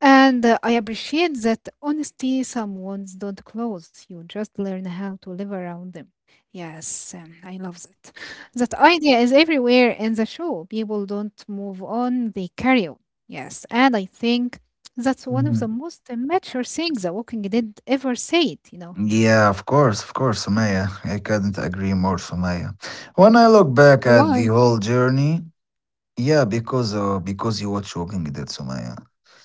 Speaker 2: And I appreciate that honesty, some wounds don't close. You just learn how to live around them. Yes, I love that. That idea is everywhere in the show. People don't move on, they carry on. Yes, and I think that's one of the
Speaker 1: Mhm.
Speaker 2: most mature things The Walking Dead ever said, you know.
Speaker 1: Yeah, of course, Sumaya. I couldn't agree more, Sumaya. When I look back at the
Speaker 2: Why?
Speaker 1: whole journey, yeah, because you were choking that, Sumaya.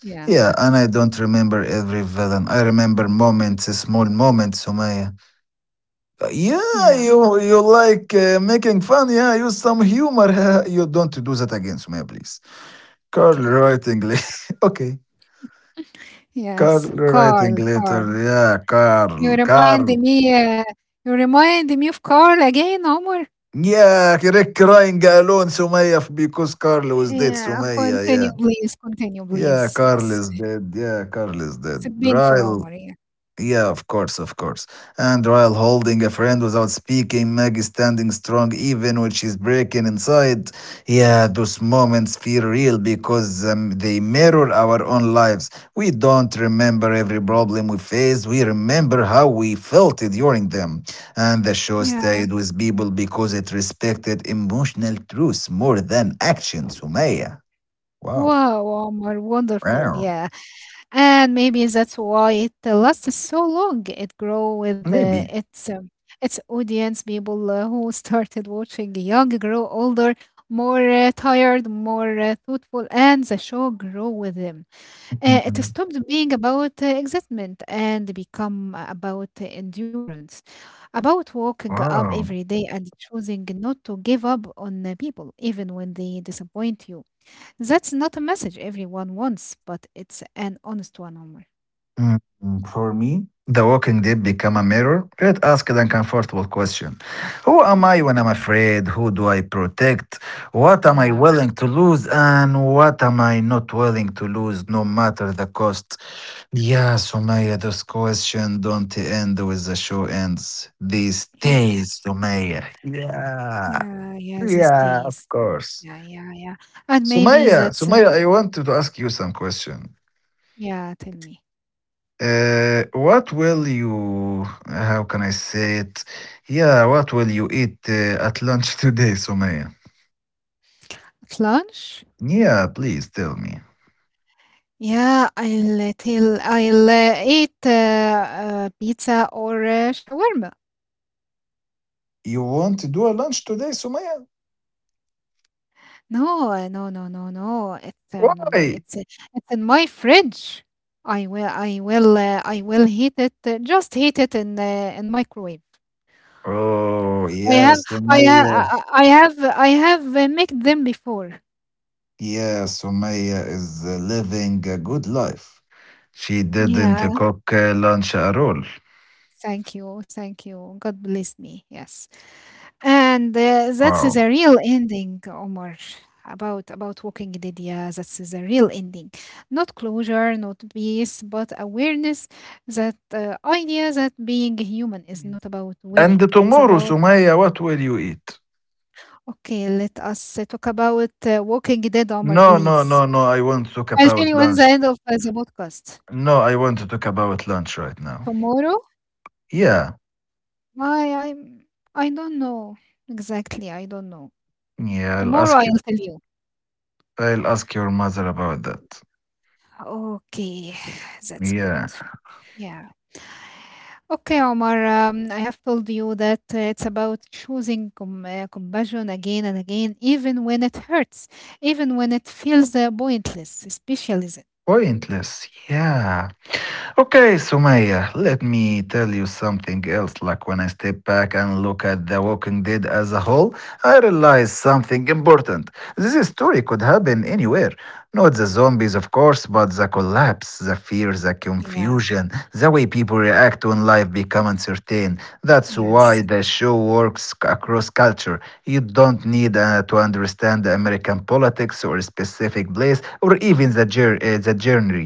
Speaker 2: Yeah,
Speaker 1: Yeah, and I don't remember every villain. I remember moments, small moments, Sumaya. Yeah,
Speaker 2: yeah.
Speaker 1: you like making fun. Yeah, use some humor. You don't do that again, Sumaya, please. Carl
Speaker 2: Okay.
Speaker 1: writing later. Okay, Carl
Speaker 2: Yes,
Speaker 1: writing
Speaker 2: Carl,
Speaker 1: later.
Speaker 2: Carl.
Speaker 1: Yeah,
Speaker 2: You
Speaker 1: Carl,
Speaker 2: remind
Speaker 1: Carl.
Speaker 2: me, uh, you remind me of Carl again, Omar.
Speaker 1: Yeah, Rick crying alone, Sumaya, because Carl was dead,
Speaker 2: Yeah,
Speaker 1: Sumaya.
Speaker 2: continue,
Speaker 1: Yeah,
Speaker 2: please. Continue,
Speaker 1: yeah,
Speaker 2: please.
Speaker 1: Carl
Speaker 2: Yes.
Speaker 1: is dead. Yeah, Carl is
Speaker 2: It's
Speaker 1: dead.
Speaker 2: has been for
Speaker 1: Right.
Speaker 2: Omar. Yeah.
Speaker 1: Yeah, of course, of course. And while holding a friend without speaking, Maggie standing strong even when she's breaking inside. Yeah, those moments feel real because they mirror our own lives. We don't remember every problem we face, we remember how we felt during them. And the show
Speaker 2: Yeah.
Speaker 1: stayed with people because it respected emotional truths more than action, Sumaya. Wow.
Speaker 2: Wow, Omar. Wonderful.
Speaker 1: Wow.
Speaker 2: Yeah. And maybe that's why it lasts so long. It grow with
Speaker 1: Maybe.
Speaker 2: its audience, people who started watching young grow older, more tired, more thoughtful, and the show grow with them. It stopped being about excitement and become about endurance, about walking up
Speaker 1: Wow.
Speaker 2: every day and choosing not to give up on people, even when they disappoint you. That's not a message everyone wants, but it's an honest one, Omar.
Speaker 1: Mm, For me, the walking did become a mirror. It asked an uncomfortable question. Who am
Speaker 2: Yeah,
Speaker 1: I when I'm afraid? Who do I protect? What am I
Speaker 2: yeah,
Speaker 1: willing to lose? And what am I not willing to lose, no matter the cost? Yeah, Sumaya, those questions don't end with the show ends. They
Speaker 2: yeah,
Speaker 1: stay, Sumaya. Yeah,
Speaker 2: yeah, yeah, these
Speaker 1: yeah, of
Speaker 2: days.
Speaker 1: course.
Speaker 2: Yeah, yeah, yeah. And maybe
Speaker 1: Sumaya,
Speaker 2: that's,
Speaker 1: Sumaya, I wanted to ask you some question.
Speaker 2: yeah, tell me.
Speaker 1: What will you, how can I say it? Yeah, what will you eat at lunch today, Sumaya?
Speaker 2: At lunch?
Speaker 1: Yeah, please tell me.
Speaker 2: Yeah, I'll tell I'll eat pizza or shawarma.
Speaker 1: You want to do a lunch today, Sumaya?
Speaker 2: No, no, no, no, no.
Speaker 1: Why?
Speaker 2: It's in my fridge. I will heat it. Just heat it in microwave.
Speaker 1: Oh,
Speaker 2: I have,
Speaker 1: yes, Sumaya.
Speaker 2: I have made them before.
Speaker 1: Yes, Sumaya is living a good life. She didn't
Speaker 2: Yeah.
Speaker 1: cook lunch at all.
Speaker 2: Thank you, thank you. God bless me. Yes, and that's
Speaker 1: Wow.
Speaker 2: the real ending, Omar. About walking Lydia. That's the real ending. Not closure, not peace, but awareness. That idea that being human is not about
Speaker 1: And
Speaker 2: winning. It's
Speaker 1: tomorrow,
Speaker 2: about
Speaker 1: Sumaya, what will you eat?
Speaker 2: okay. Let us talk about Walking Dead, Omar,
Speaker 1: No, no,
Speaker 2: please.
Speaker 1: no, no, I won't talk
Speaker 2: I'll tell
Speaker 1: about
Speaker 2: you in the
Speaker 1: lunch.
Speaker 2: end of the podcast
Speaker 1: No, I want to talk about lunch right now.
Speaker 2: tomorrow.
Speaker 1: Yeah,
Speaker 2: I I'm I don't know exactly. I don't know.
Speaker 1: yeah, I'll
Speaker 2: Tomorrow
Speaker 1: ask you.
Speaker 2: I'll tell you.
Speaker 1: I'll ask your mother about that.
Speaker 2: Okay, that's good.
Speaker 1: Yeah,
Speaker 2: Yeah. Okay, Omar. I have told you that it's about choosing compassion again and again, even when it hurts, even when it feels pointless, especially then.
Speaker 1: pointless. Yeah. Okay, Sumaya, let me tell you something else. Like when I step back and look at The Walking Dead as a whole, I realize something important. This story could happen anywhere. Not the zombies, of course, but the collapse, the fear, the
Speaker 2: Yeah,
Speaker 1: confusion, the way people react when life becomes uncertain. That's
Speaker 2: yes,
Speaker 1: why the show works across culture. You don't need to understand the American politics or a specific place or even the genre.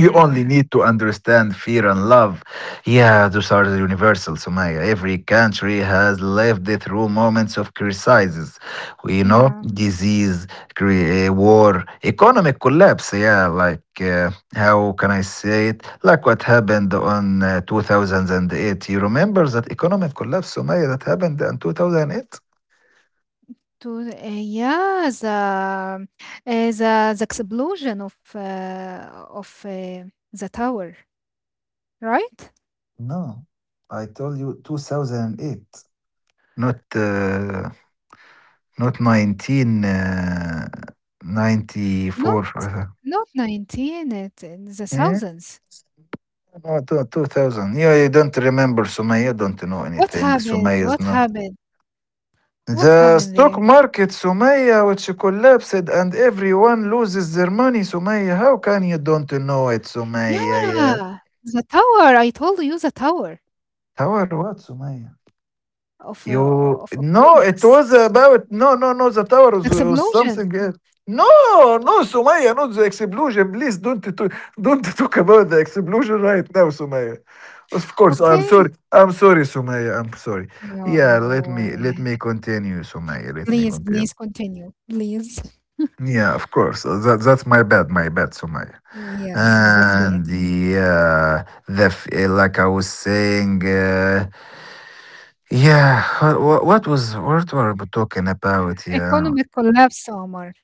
Speaker 1: You only
Speaker 2: yeah,
Speaker 1: need to understand fear and love. Yeah, those are the universal, Somaya. Every country has lived it through moments of crises, you know,
Speaker 2: yeah.
Speaker 1: disease, war, economic collapse. Yeah, like how can I say it? Like what happened on 2008. You remember that economic collapse, Somaya, that happened in 2008?
Speaker 2: Yeah, the the explosion of the tower, right?
Speaker 1: No, I told you 2008, not. Not 19, uh, 94.
Speaker 2: Not not 19, it in the
Speaker 1: Yeah.
Speaker 2: thousands.
Speaker 1: No, no, 2000. Yeah, you don't remember, Sumaya, don't know
Speaker 2: What
Speaker 1: anything.
Speaker 2: happened?
Speaker 1: Sumaya is
Speaker 2: What
Speaker 1: not.
Speaker 2: happened? What
Speaker 1: The
Speaker 2: happened there?
Speaker 1: stock market, Sumaya, which collapsed and everyone loses their money, Sumaya. How can you don't know it, Sumaya? Yeah.
Speaker 2: Yeah, the tower. I told you the tower
Speaker 1: Tower what, Sumaya?
Speaker 2: of
Speaker 1: You
Speaker 2: uh, of
Speaker 1: no, it
Speaker 2: economics.
Speaker 1: was about no, no, no. The tower
Speaker 2: The
Speaker 1: was
Speaker 2: explosion.
Speaker 1: something else. No, no, Sumaya, not the explosion. Please don't to, Don't talk about the explosion right now, Sumaya. Of course, I'm sorry.
Speaker 2: Okay.
Speaker 1: I'm sorry, Sumaya. I'm sorry.
Speaker 2: You,
Speaker 1: Yeah,
Speaker 2: you, uh,
Speaker 1: let me continue, Sumaya. Let me
Speaker 2: please,
Speaker 1: continue.
Speaker 2: please continue. Please.
Speaker 1: Yeah, of course. That that's my bad, Sumaya.
Speaker 2: Yes, exactly. It.
Speaker 1: And yeah, like I was saying. Yeah, uh, what were we talking about? Yeah,
Speaker 2: Economic collapse, Omar.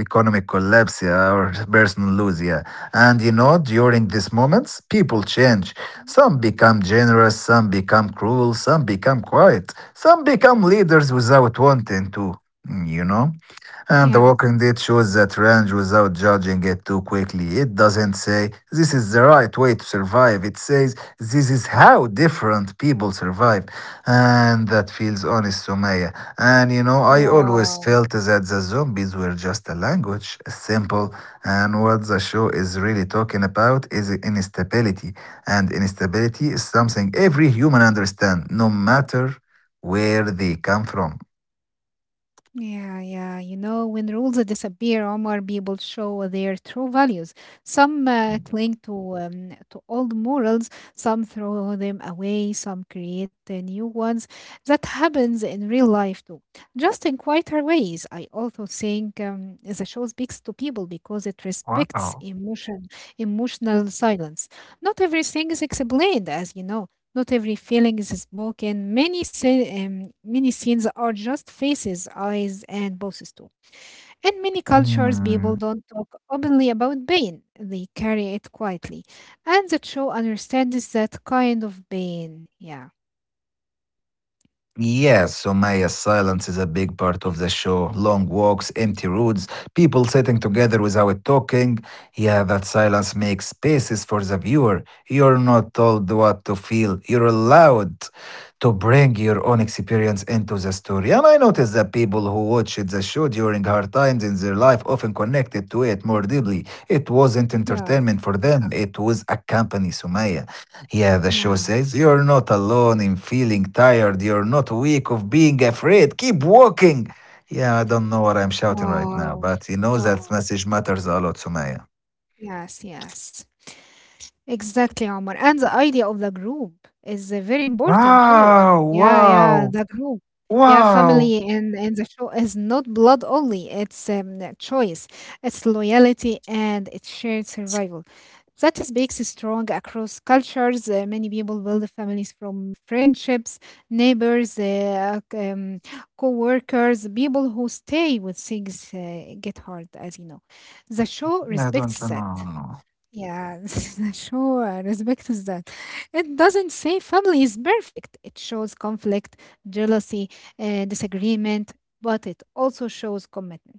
Speaker 1: economic collapse, yeah, or personal loss, yeah. And you know, during these moments, people change. Some become generous, some become cruel, some become quiet, some become leaders without wanting to. You know. And The
Speaker 2: Yeah.
Speaker 1: Walking Dead shows that range without judging it too quickly. It doesn't say, this is the right way to survive. It says, this is how different people survive. And that feels honest, Sumaya. And you know, I always
Speaker 2: Wow.
Speaker 1: felt that the zombies were just a language, simple. And what the show is really talking about is instability. And instability is something every human understands, no matter where they come from.
Speaker 2: Yeah, yeah. You know, when rules disappear, Omar, people show their true values. Some cling to old morals, some throw them away, some create new ones. That happens in real life too, just in quieter ways. I also think the show speaks to people because it respects
Speaker 1: Wow.
Speaker 2: emotion, emotional silence. Not everything is explained, as you know. Not every feeling is spoken. Many scenes are just faces, eyes, and poses too. In
Speaker 1: Hmm.
Speaker 2: many cultures, people don't talk openly about pain. They carry it quietly. And the show understands that kind of pain. Yeah.
Speaker 1: Yes, so Somaya, silence is a big part of the show. Long walks, empty roads, people sitting together without talking. Yeah, that silence makes spaces for the viewer. You're not told what to feel. You're allowed to bring your own experience into the story. And I noticed that people who watched the show during hard times in their life often connected to it more deeply. It wasn't entertainment
Speaker 2: Yeah.
Speaker 1: for them, it was a company, Somaya. Yeah, the show
Speaker 2: Yeah.
Speaker 1: says, you're not alone in feeling tired. You're not weak of being afraid. Keep walking. Yeah, I don't know what I'm shouting right now,
Speaker 2: Wow.
Speaker 1: but you know that
Speaker 2: Wow.
Speaker 1: message matters a lot, Sumaya.
Speaker 2: Yes, yes. Exactly, Omar. And the idea of the group is very important too.
Speaker 1: Wow,
Speaker 2: Yeah, yeah, the
Speaker 1: wow,
Speaker 2: group. Yeah, family
Speaker 1: wow.
Speaker 2: in the show is not blood only. It's a choice, it's loyalty, and it's shared survival. That is makes it strong across cultures. Many people build families from friendships, neighbors, co-workers, people who stay with things get hard, as you know. The show
Speaker 1: I
Speaker 2: respects
Speaker 1: don't
Speaker 2: that
Speaker 1: know. No.
Speaker 2: yeah, sure, respect is that. It doesn't say family is perfect. It shows conflict, jealousy, disagreement, but it also shows commitment.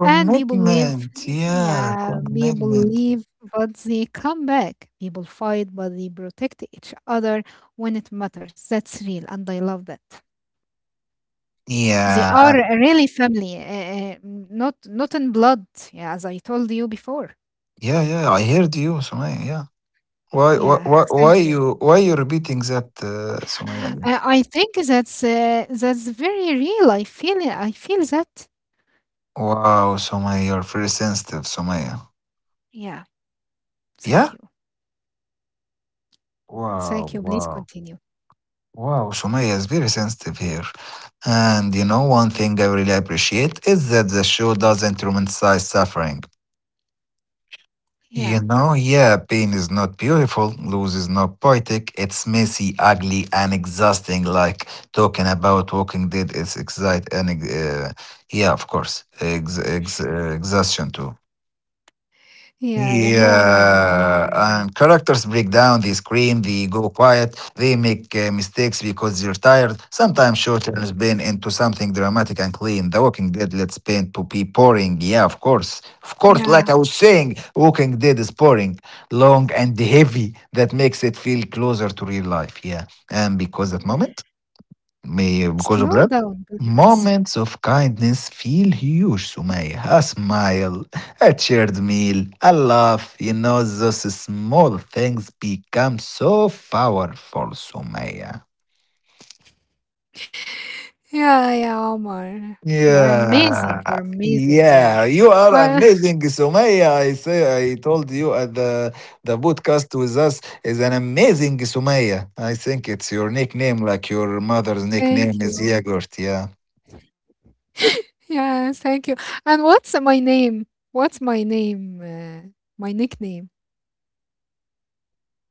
Speaker 2: And people leave,
Speaker 1: Commitment. Yeah,
Speaker 2: yeah, people
Speaker 1: commitment.
Speaker 2: leave, but they come back. People fight, but they protect each other when it matters. That's real, and I love that. They
Speaker 1: Yeah,
Speaker 2: are really family, not not in blood, yeah, as I told you before.
Speaker 1: yeah, yeah. I heard you, Sumaya. Yeah.
Speaker 2: Yeah, thank you.
Speaker 1: Why you repeating that, Sumaya, again?
Speaker 2: I think that's very real. I feel it. I feel that.
Speaker 1: Wow, Sumaya, you're very sensitive, Sumaya.
Speaker 2: Yeah.
Speaker 1: Yeah.
Speaker 2: Thank you.
Speaker 1: Wow,
Speaker 2: Thank you. Please
Speaker 1: wow,
Speaker 2: continue.
Speaker 1: wow. Sumaya is very sensitive here. And you know, one thing I really appreciate is that the show doesn't romanticize suffering. You
Speaker 2: Yeah.
Speaker 1: know, yeah, pain is not beautiful, loss is not poetic, it's messy, ugly, and exhausting. Like talking about Walking Dead is excite and, yeah, of course, exhaustion too.
Speaker 2: Yeah. Yeah. No. No.
Speaker 1: Yeah,
Speaker 2: I.
Speaker 1: and characters break down, they scream, they go quiet, they make mistakes because they're tired. Sometimes short turns bend into something dramatic and clean. The Walking Dead lets pain to be boring. Yeah, of course. Of course, like I
Speaker 2: Yeah.
Speaker 1: was saying, Walking Dead is boring, long and heavy. That makes it feel closer to real life. Yeah, and because that
Speaker 2: Yeah.
Speaker 1: moment. May because of
Speaker 2: Slow
Speaker 1: that,
Speaker 2: down, please.
Speaker 1: moments of kindness feel huge, Sumaya. A smile, a shared meal, a laugh, you know, those small things become so powerful, Sumaya.
Speaker 2: Yeah. Yeah. Omar, you are amazing. You
Speaker 1: Yeah,
Speaker 2: are amazing. Yeah.
Speaker 1: yeah, you are
Speaker 2: Uh,
Speaker 1: amazing, Sumaya. I say, I told you at the podcast with us is an amazing Sumaya. I think it's your nickname, like your mother's
Speaker 2: thank
Speaker 1: nickname is
Speaker 2: you.
Speaker 1: Yogurt. Yeah.
Speaker 2: Yeah. Thank you. And what's my name? What's my name? My nickname?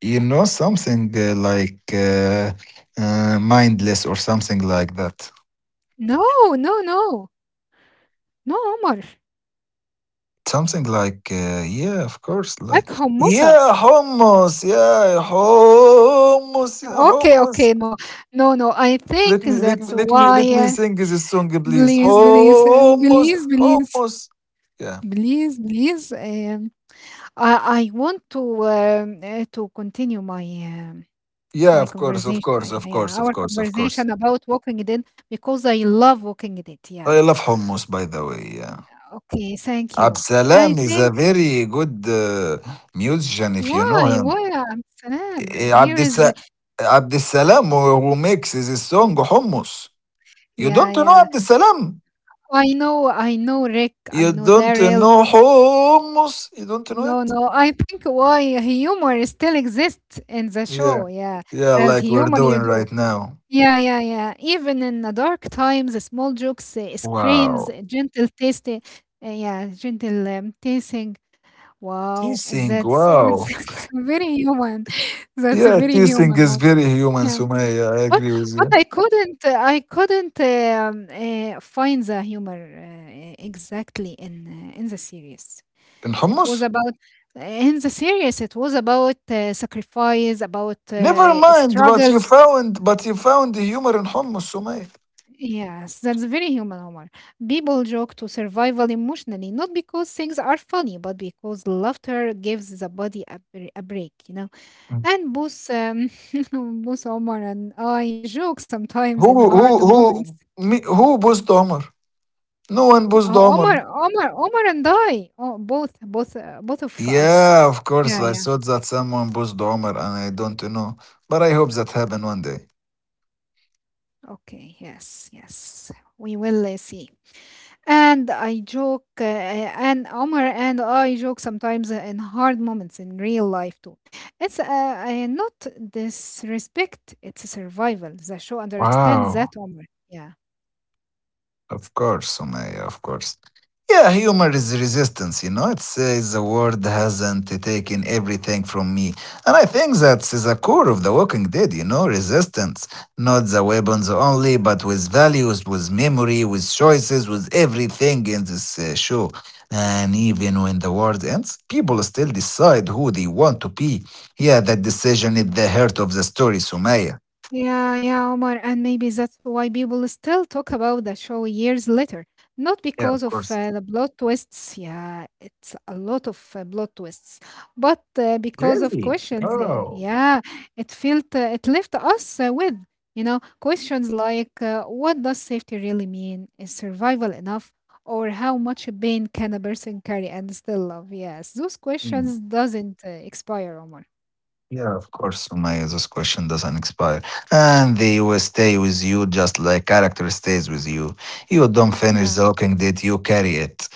Speaker 1: You know, something mindless or something like that.
Speaker 2: No. No. No. No. Omar.
Speaker 1: Something like, yeah, of course, like,
Speaker 2: Like Homosa.
Speaker 1: yeah, hummus, yeah, hummus, yeah,
Speaker 2: Okay,
Speaker 1: hummus.
Speaker 2: okay, no, no, no. I think
Speaker 1: Let me, let
Speaker 2: that's
Speaker 1: me, let me,
Speaker 2: why.
Speaker 1: let me sing this song, please.
Speaker 2: Please, please,
Speaker 1: Hummus,
Speaker 2: please, please,
Speaker 1: hummus. Yeah,
Speaker 2: please, please. I want to continue my
Speaker 1: yeah,
Speaker 2: my
Speaker 1: of course, of
Speaker 2: conversation. Yeah,
Speaker 1: course, of
Speaker 2: yeah, yeah,
Speaker 1: course, of
Speaker 2: our
Speaker 1: course, of course.
Speaker 2: conversation about Walking Dead because I love Walking Dead. Yeah.
Speaker 1: I love hummus, by the way. Yeah,
Speaker 2: Okay, thank you. I
Speaker 1: Absalam is a
Speaker 2: think
Speaker 1: very good musician, if you know
Speaker 2: why
Speaker 1: him.
Speaker 2: why um, Salam?
Speaker 1: Eh,
Speaker 2: Here is
Speaker 1: Abdissalam who makes this song Hummus. You
Speaker 2: yeah,
Speaker 1: don't know
Speaker 2: yeah.
Speaker 1: Abdissalam.
Speaker 2: I know Rick. I
Speaker 1: You
Speaker 2: know
Speaker 1: don't
Speaker 2: Daryl.
Speaker 1: know Hummus. You don't know
Speaker 2: No,
Speaker 1: it?
Speaker 2: no. I think why humor still exists in the
Speaker 1: Yeah.
Speaker 2: show. Yeah,
Speaker 1: Yeah,
Speaker 2: as
Speaker 1: like we're
Speaker 2: humor
Speaker 1: doing
Speaker 2: you do.
Speaker 1: right now.
Speaker 2: Yeah, yeah, yeah. Even in the dark times, the small jokes, screams,
Speaker 1: Wow.
Speaker 2: gentle tasting. Yeah, gentle tasting. Wow,
Speaker 1: Teasing, wow.
Speaker 2: that's very human. That's
Speaker 1: Yeah,
Speaker 2: very
Speaker 1: teasing
Speaker 2: human.
Speaker 1: is very human,
Speaker 2: Yeah,
Speaker 1: Sumaya. I
Speaker 2: but
Speaker 1: agree with
Speaker 2: but
Speaker 1: you.
Speaker 2: I couldn't I couldn't find the humor exactly in the series.
Speaker 1: In
Speaker 2: It was
Speaker 1: Hummus?
Speaker 2: about in the series, it was about sacrifice, about
Speaker 1: Never mind, but you
Speaker 2: struggles.
Speaker 1: found but you found the humor in Hummus, Sumaya.
Speaker 2: Yes, that's very human humor. People joke to survival emotionally, not because things are funny, but because laughter gives the body a, a break, you know. And both Omar and I joke sometimes
Speaker 1: Who
Speaker 2: in
Speaker 1: who
Speaker 2: hard
Speaker 1: who
Speaker 2: moments.
Speaker 1: me, who boozed Omar? No one boozed
Speaker 2: Oh,
Speaker 1: Omar.
Speaker 2: Omar, Omar, Omar, and I, oh, both, both of us.
Speaker 1: Yeah, of course.
Speaker 2: Yeah,
Speaker 1: I thought that someone pushed Omar and I don't know. But I hope
Speaker 2: yeah.
Speaker 1: that happen one day.
Speaker 2: Okay, yes, yes, we will see. And I joke, and Omar and I joke sometimes in hard moments in real life too. It's not disrespect, it's survival. The show understands
Speaker 1: Wow.
Speaker 2: that, Omar. Yeah.
Speaker 1: Of course, Sumaya, of course. Yeah, humor is resistance, you know. It says the world hasn't taken everything from me. And I think that's the core of The Walking Dead, you know, resistance. Not the weapons only, but with values, with memory, with choices, with everything in this show. And even when the world ends, people still decide who they want to be. Yeah, that decision is the heart of the story, Sumaya.
Speaker 2: Yeah, yeah, Omar, and maybe that's why people still talk about the show years later. Not
Speaker 1: Yeah, of
Speaker 2: because
Speaker 1: course.
Speaker 2: of the plot twists, yeah, it's a lot of plot twists, but because of
Speaker 1: Really?
Speaker 2: questions,
Speaker 1: Oh.
Speaker 2: yeah, it felt, it left us with, you know, questions like what does safety really mean? Is survival enough? Or how much pain can a person carry and still love? Yes, those questions doesn't expire, Omar.
Speaker 1: Yeah, of course, Sumaya, this question doesn't expire. And they will stay with you just like character stays with you. You don't finish
Speaker 2: Yeah.
Speaker 1: the looking date, you carry it.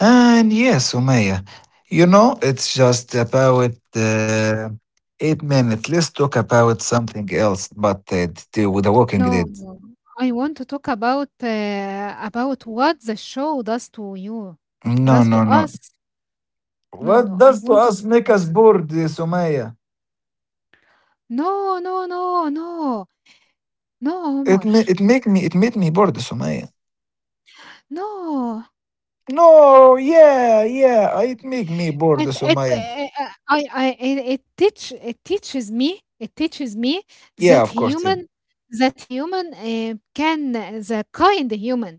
Speaker 1: And yes, Sumaya, you know, it's just about 8 minutes. Let's talk about something else, but with a walking
Speaker 2: No,
Speaker 1: date.
Speaker 2: no. I want to talk about what the show does to you,
Speaker 1: No,
Speaker 2: does to
Speaker 1: no, no.
Speaker 2: us. No,
Speaker 1: What
Speaker 2: no. I
Speaker 1: does to
Speaker 2: want to
Speaker 1: us
Speaker 2: talk
Speaker 1: make
Speaker 2: about
Speaker 1: us
Speaker 2: that.
Speaker 1: bored, Sumaya?
Speaker 2: No, no, no, no, no,
Speaker 1: It,
Speaker 2: Omar.
Speaker 1: ma- it make me it made me bored, Sumaya.
Speaker 2: No.
Speaker 1: No, yeah, yeah. It make me bored,
Speaker 2: It
Speaker 1: Sumaya.
Speaker 2: I it, it teach it teaches me
Speaker 1: Yeah,
Speaker 2: that
Speaker 1: of course. Yeah.
Speaker 2: human that human can the kind human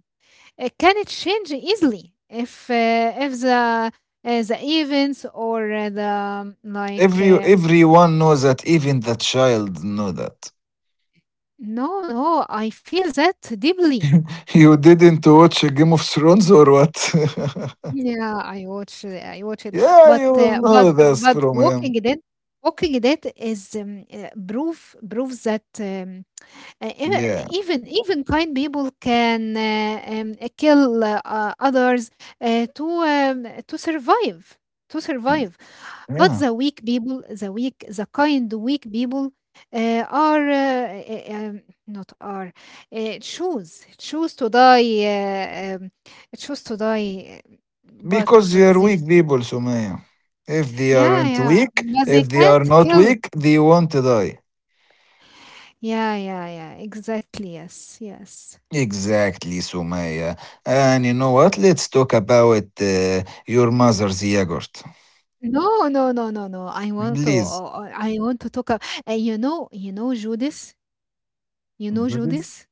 Speaker 2: It can change easily if the the events or the like.
Speaker 1: Every everyone knows that. Even the child know that.
Speaker 2: No, no, I feel that deeply.
Speaker 1: You didn't watch Game of Thrones or what?
Speaker 2: I watch it,
Speaker 1: Yeah,
Speaker 2: but
Speaker 1: you will
Speaker 2: uh, but
Speaker 1: know this
Speaker 2: but
Speaker 1: from
Speaker 2: Walking
Speaker 1: him.
Speaker 2: Dead, Walking Dead is proof proves that um, Uh, ev-
Speaker 1: Yeah,
Speaker 2: even even kind people can kill others to survive to survive but
Speaker 1: yeah.
Speaker 2: the weak people the weak the kind weak people are not are choose to die choose to die
Speaker 1: Because they
Speaker 2: but
Speaker 1: are
Speaker 2: they
Speaker 1: weak people, Sumaya. If they
Speaker 2: yeah
Speaker 1: aren't
Speaker 2: yeah
Speaker 1: weak,
Speaker 2: but they
Speaker 1: if they are
Speaker 2: can't
Speaker 1: not
Speaker 2: kill
Speaker 1: weak, they won't die.
Speaker 2: yeah yeah yeah exactly yes yes
Speaker 1: Exactly, Sumaya. And you know what? Let's talk about your mother's yogurt.
Speaker 2: No, no, no, no, no.
Speaker 1: Liz,
Speaker 2: I want to talk a and you know Judas? You know
Speaker 1: Liz,
Speaker 2: Judas?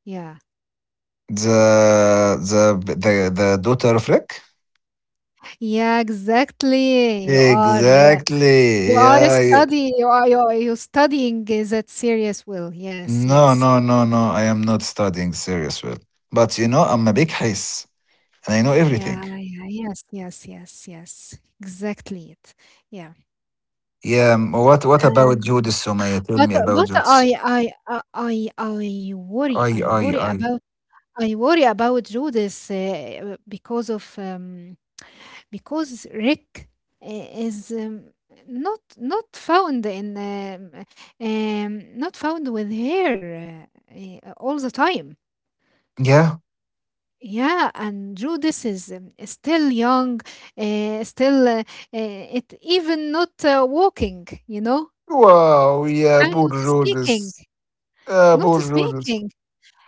Speaker 2: Yeah.
Speaker 1: the daughter of Rick?
Speaker 2: Yeah, exactly. You
Speaker 1: Exactly.
Speaker 2: are a
Speaker 1: Yeah.
Speaker 2: study you are you are you studying that serious will. Yes,
Speaker 1: No,
Speaker 2: yes.
Speaker 1: no, no, no. I am not studying serious well. But you know, I'm a big hiss, and I know everything.
Speaker 2: Yeah, yeah, yes, yes, yes, yes. Exactly it. Yeah.
Speaker 1: Yeah. What about
Speaker 2: And
Speaker 1: Judas, Sumaya? Tell me about
Speaker 2: but
Speaker 1: Judas. I, I, I.
Speaker 2: I worry about Judas because of because Rick is not not found in not found with her uh, all the time.
Speaker 1: Yeah.
Speaker 2: Yeah, and Judas is still young, still it even not walking, you know,
Speaker 1: Wow. Yeah.
Speaker 2: and
Speaker 1: Poor
Speaker 2: not
Speaker 1: Judas.
Speaker 2: speaking,
Speaker 1: Yeah.
Speaker 2: not
Speaker 1: Poor Judas.
Speaker 2: speaking.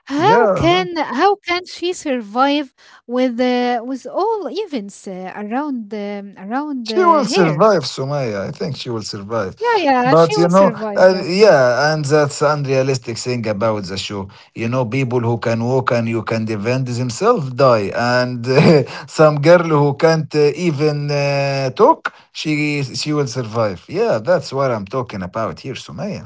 Speaker 2: How
Speaker 1: Yeah.
Speaker 2: can how can she survive with all events around
Speaker 1: She will
Speaker 2: her?
Speaker 1: survive, Sumaya. I think she will survive.
Speaker 2: Yeah, yeah,
Speaker 1: But
Speaker 2: she
Speaker 1: you
Speaker 2: will
Speaker 1: know,
Speaker 2: survive, yes.
Speaker 1: yeah, and that's unrealistic thing about the show. You know, people who can walk and you can defend themselves die, and some girl who can't even talk, she will survive. Yeah, that's what I'm talking about here, Sumaya.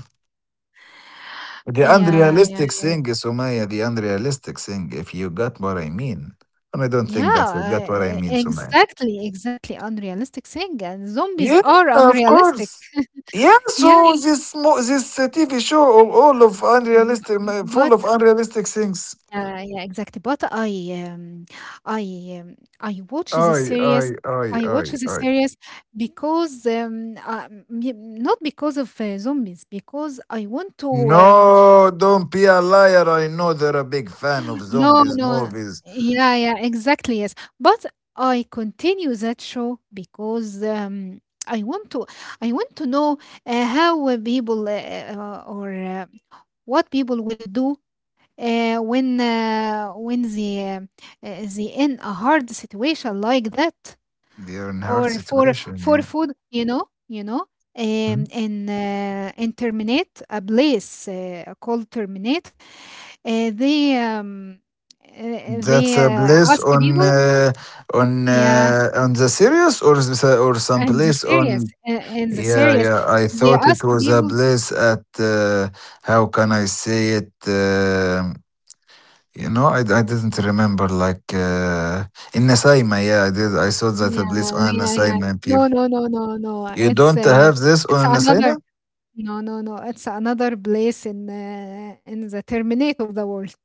Speaker 1: The
Speaker 2: Yeah, yeah,
Speaker 1: unrealistic
Speaker 2: yeah.
Speaker 1: thing, Sumaya. The unrealistic thing. If you got what I mean, and I don't think that you
Speaker 2: Yeah,
Speaker 1: got what I mean, Sumaya.
Speaker 2: exactly, exactly. Unrealistic thing. And zombies
Speaker 1: Yeah,
Speaker 2: are
Speaker 1: of
Speaker 2: unrealistic.
Speaker 1: course. Yeah,
Speaker 2: Yeah.
Speaker 1: so this mo- this TV show all of
Speaker 2: b-
Speaker 1: unrealistic, full
Speaker 2: But
Speaker 1: of unrealistic things.
Speaker 2: yeah, yeah, exactly. But um I I watch the series I watch the
Speaker 1: I.
Speaker 2: series because not because of zombies because I want to
Speaker 1: No, don't be a liar. I know they're a big fan of
Speaker 2: No,
Speaker 1: zombies
Speaker 2: no.
Speaker 1: movies.
Speaker 2: Yeah, yeah, exactly. Yes. But I continue that show because I want to I want to know how people or what people will do when they in a hard situation like that
Speaker 1: They're in hard
Speaker 2: or
Speaker 1: situation.
Speaker 2: for
Speaker 1: Yeah.
Speaker 2: food you know
Speaker 1: Hmm?
Speaker 2: in terminate a place called terminate uh, they um, they
Speaker 1: That's a place
Speaker 2: ask
Speaker 1: on
Speaker 2: people yeah
Speaker 1: on the series, or is this or some place on?
Speaker 2: and the
Speaker 1: Yeah,
Speaker 2: serious
Speaker 1: yeah. I
Speaker 2: they
Speaker 1: thought it
Speaker 2: ask
Speaker 1: was a
Speaker 2: people
Speaker 1: bliss at how can I say it? Um, you know, I didn't remember like in Nasaima. Yeah, I did. I saw that a
Speaker 2: yeah
Speaker 1: bliss on
Speaker 2: yeah yeah yeah.
Speaker 1: Nasaima. People,
Speaker 2: no no no no no
Speaker 1: you
Speaker 2: it's
Speaker 1: don't have this
Speaker 2: it's
Speaker 1: on
Speaker 2: another
Speaker 1: Nasaima?
Speaker 2: no no no it's another place in the terminate of the world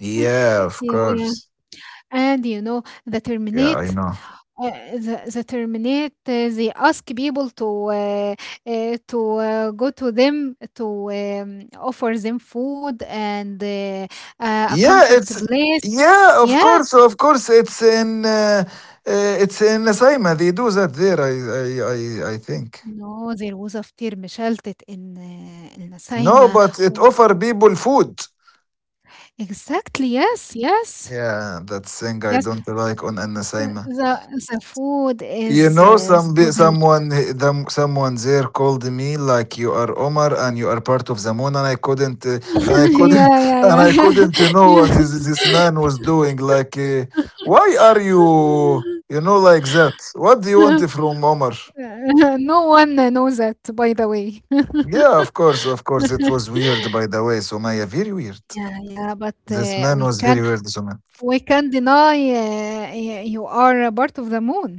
Speaker 1: Yeah, of
Speaker 2: yeah yeah
Speaker 1: course.
Speaker 2: and you know the
Speaker 1: Yeah, I
Speaker 2: terminate
Speaker 1: know.
Speaker 2: Uh, the terminate, they ask people uh, to go to them to offer them food and a
Speaker 1: Yeah,
Speaker 2: comfort
Speaker 1: it's
Speaker 2: place.
Speaker 1: yeah, of
Speaker 2: Yeah,
Speaker 1: course, of course. It's in Nasaima. They do that there. I think.
Speaker 2: no, there was after مشلتت in
Speaker 1: No,
Speaker 2: النسايمة.
Speaker 1: but it
Speaker 2: و-
Speaker 1: offer people food.
Speaker 2: Exactly, yes, yes,
Speaker 1: Yeah, that thing I
Speaker 2: yes.
Speaker 1: don't like on
Speaker 2: Uh,
Speaker 1: Anasaima.
Speaker 2: The the food
Speaker 1: You
Speaker 2: is
Speaker 1: know,
Speaker 2: so delicious.
Speaker 1: someone there called me like you are Omar and you are part of the moon, and I couldn't,
Speaker 2: yeah, yeah,
Speaker 1: and I
Speaker 2: yeah,
Speaker 1: couldn't know what
Speaker 2: yeah.
Speaker 1: is this man was doing. Like, why are you, you know, like that? What do you want from Omar?
Speaker 2: no one knows that, by the way.
Speaker 1: Yeah, of course, it was weird, by the way, Somaya, very weird.
Speaker 2: Yeah, yeah, but
Speaker 1: This man was very weird, Somaya.
Speaker 2: we can deny you are a part of the moon.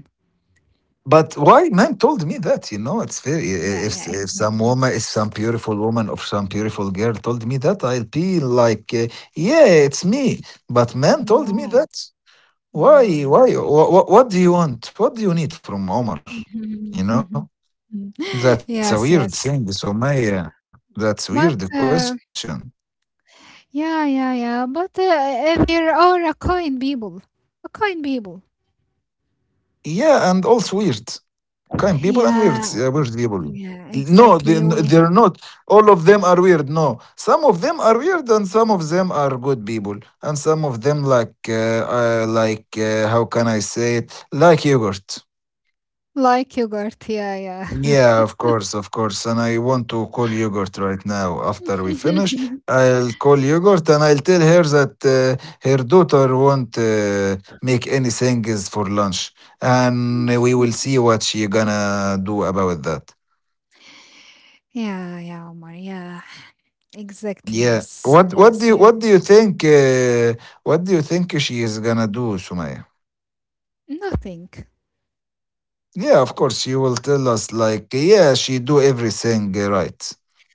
Speaker 1: But why man told me that, you know, it's very
Speaker 2: Yeah, yeah,
Speaker 1: if some
Speaker 2: exactly.
Speaker 1: woman, if some beautiful woman or some beautiful girl told me that, I'll be like, yeah, it's me. But man told me
Speaker 2: No,
Speaker 1: that. Why?
Speaker 2: no, no,
Speaker 1: Why?
Speaker 2: no.
Speaker 1: What do you want? What do you need from Omar? You know,
Speaker 2: Mhm.
Speaker 1: that's a weird thing,
Speaker 2: Yes, yes.
Speaker 1: Sumaya. That's weird question.
Speaker 2: But yeah, yeah, yeah. But there are a kind people, a kind people.
Speaker 1: Yeah, and also weird. Kind people and weirds, weird
Speaker 2: Yeah,
Speaker 1: people. No,
Speaker 2: yeah,
Speaker 1: they're
Speaker 2: exactly.
Speaker 1: not.
Speaker 2: We
Speaker 1: All of them are weird. No, some of them are weird, and some of them are good people, and some of them like, how can I say it? Like yogurt.
Speaker 2: like yogurt. Yeah,
Speaker 1: Yeah, of course, of course. And I want to call yogurt right now. After we finish,
Speaker 2: yeah.
Speaker 1: I'll call yogurt and I'll tell her that her daughter won't make anything is for lunch, and we will see what she gonna do about that.
Speaker 2: Yeah, yeah, Omar. Yeah, exactly.
Speaker 1: Yeah.
Speaker 2: Yes, yes, yes.
Speaker 1: What do you think what do you think she is gonna do, Sumaya?
Speaker 2: Nothing.
Speaker 1: Yeah, of course you will tell us like yeah, she do everything right.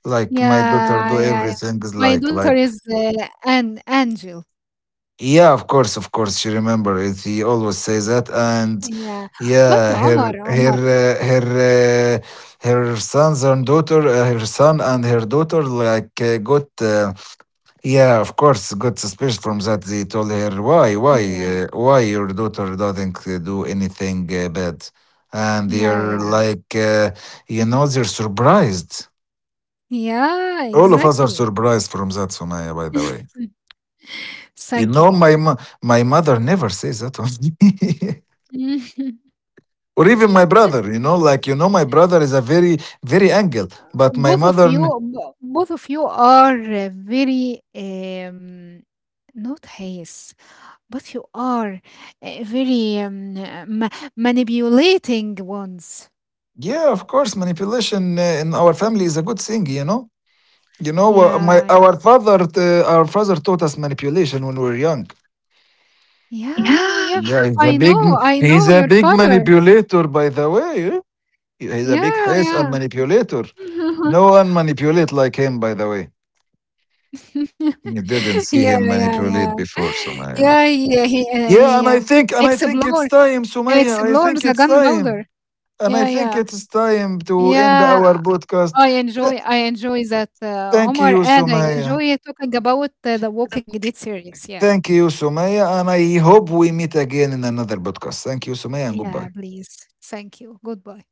Speaker 1: Like my daughter
Speaker 2: Yeah,
Speaker 1: do
Speaker 2: yeah, yeah.
Speaker 1: everything is
Speaker 2: My
Speaker 1: like
Speaker 2: daughter
Speaker 1: like
Speaker 2: is an angel.
Speaker 1: yeah, of course she remember it. He always says that and
Speaker 2: Yeah, but
Speaker 1: yeah,
Speaker 2: Omar, Omar.
Speaker 1: uh, her sons and daughter, her son and her daughter like got Yeah, of course, got suspicious from that. They told her,
Speaker 2: Yeah,
Speaker 1: why your daughter doesn't do anything bad?" And
Speaker 2: yeah,
Speaker 1: they're
Speaker 2: yeah.
Speaker 1: like, you know, they're surprised.
Speaker 2: Yeah,
Speaker 1: All of us are
Speaker 2: exactly.
Speaker 1: surprised from that, Sumaya. By the way, you
Speaker 2: Thank you,
Speaker 1: know,
Speaker 2: Omar.
Speaker 1: my mother never says that of me. Or even my brother, you know, like you know, my brother is a very, very angel. But my
Speaker 2: both of
Speaker 1: mother,
Speaker 2: you both of you are very not hayes But you are very manipulating ones.
Speaker 1: yeah, of course, manipulation in our family is a good thing, you know. You know, my
Speaker 2: Yeah, yeah,
Speaker 1: our father taught us manipulation when we were young.
Speaker 2: yeah,
Speaker 1: Yeah.
Speaker 2: yeah.
Speaker 1: Yeah,
Speaker 2: I
Speaker 1: he's
Speaker 2: know
Speaker 1: a
Speaker 2: your
Speaker 1: big
Speaker 2: father.
Speaker 1: manipulator, by the way. Eh?
Speaker 2: Yeah,
Speaker 1: He's a
Speaker 2: yeah.
Speaker 1: manipulator. No one manipulate like him, by the way. You didn't see
Speaker 2: yeah,
Speaker 1: him
Speaker 2: yeah, yeah.
Speaker 1: manipulate before,
Speaker 2: Yeah,
Speaker 1: Sumaya.
Speaker 2: yeah, he, uh,
Speaker 1: Yeah,
Speaker 2: he um,
Speaker 1: and I think it's
Speaker 2: explore,
Speaker 1: time, Sumaya. I
Speaker 2: explores
Speaker 1: think
Speaker 2: the
Speaker 1: it's time.
Speaker 2: gunpowder.
Speaker 1: And I
Speaker 2: Yeah,
Speaker 1: think
Speaker 2: yeah,
Speaker 1: it's time to end our
Speaker 2: yeah.
Speaker 1: podcast. Th-
Speaker 2: I enjoy that,
Speaker 1: thank
Speaker 2: Omar,
Speaker 1: you,
Speaker 2: and I
Speaker 1: Sumaya.
Speaker 2: enjoy talking about the Walking Dead series. Yeah.
Speaker 1: Thank you, Sumaya, and I hope we meet again in another podcast. Thank you, Sumaya, and
Speaker 2: Yeah,
Speaker 1: goodbye.
Speaker 2: please. Thank you. Goodbye.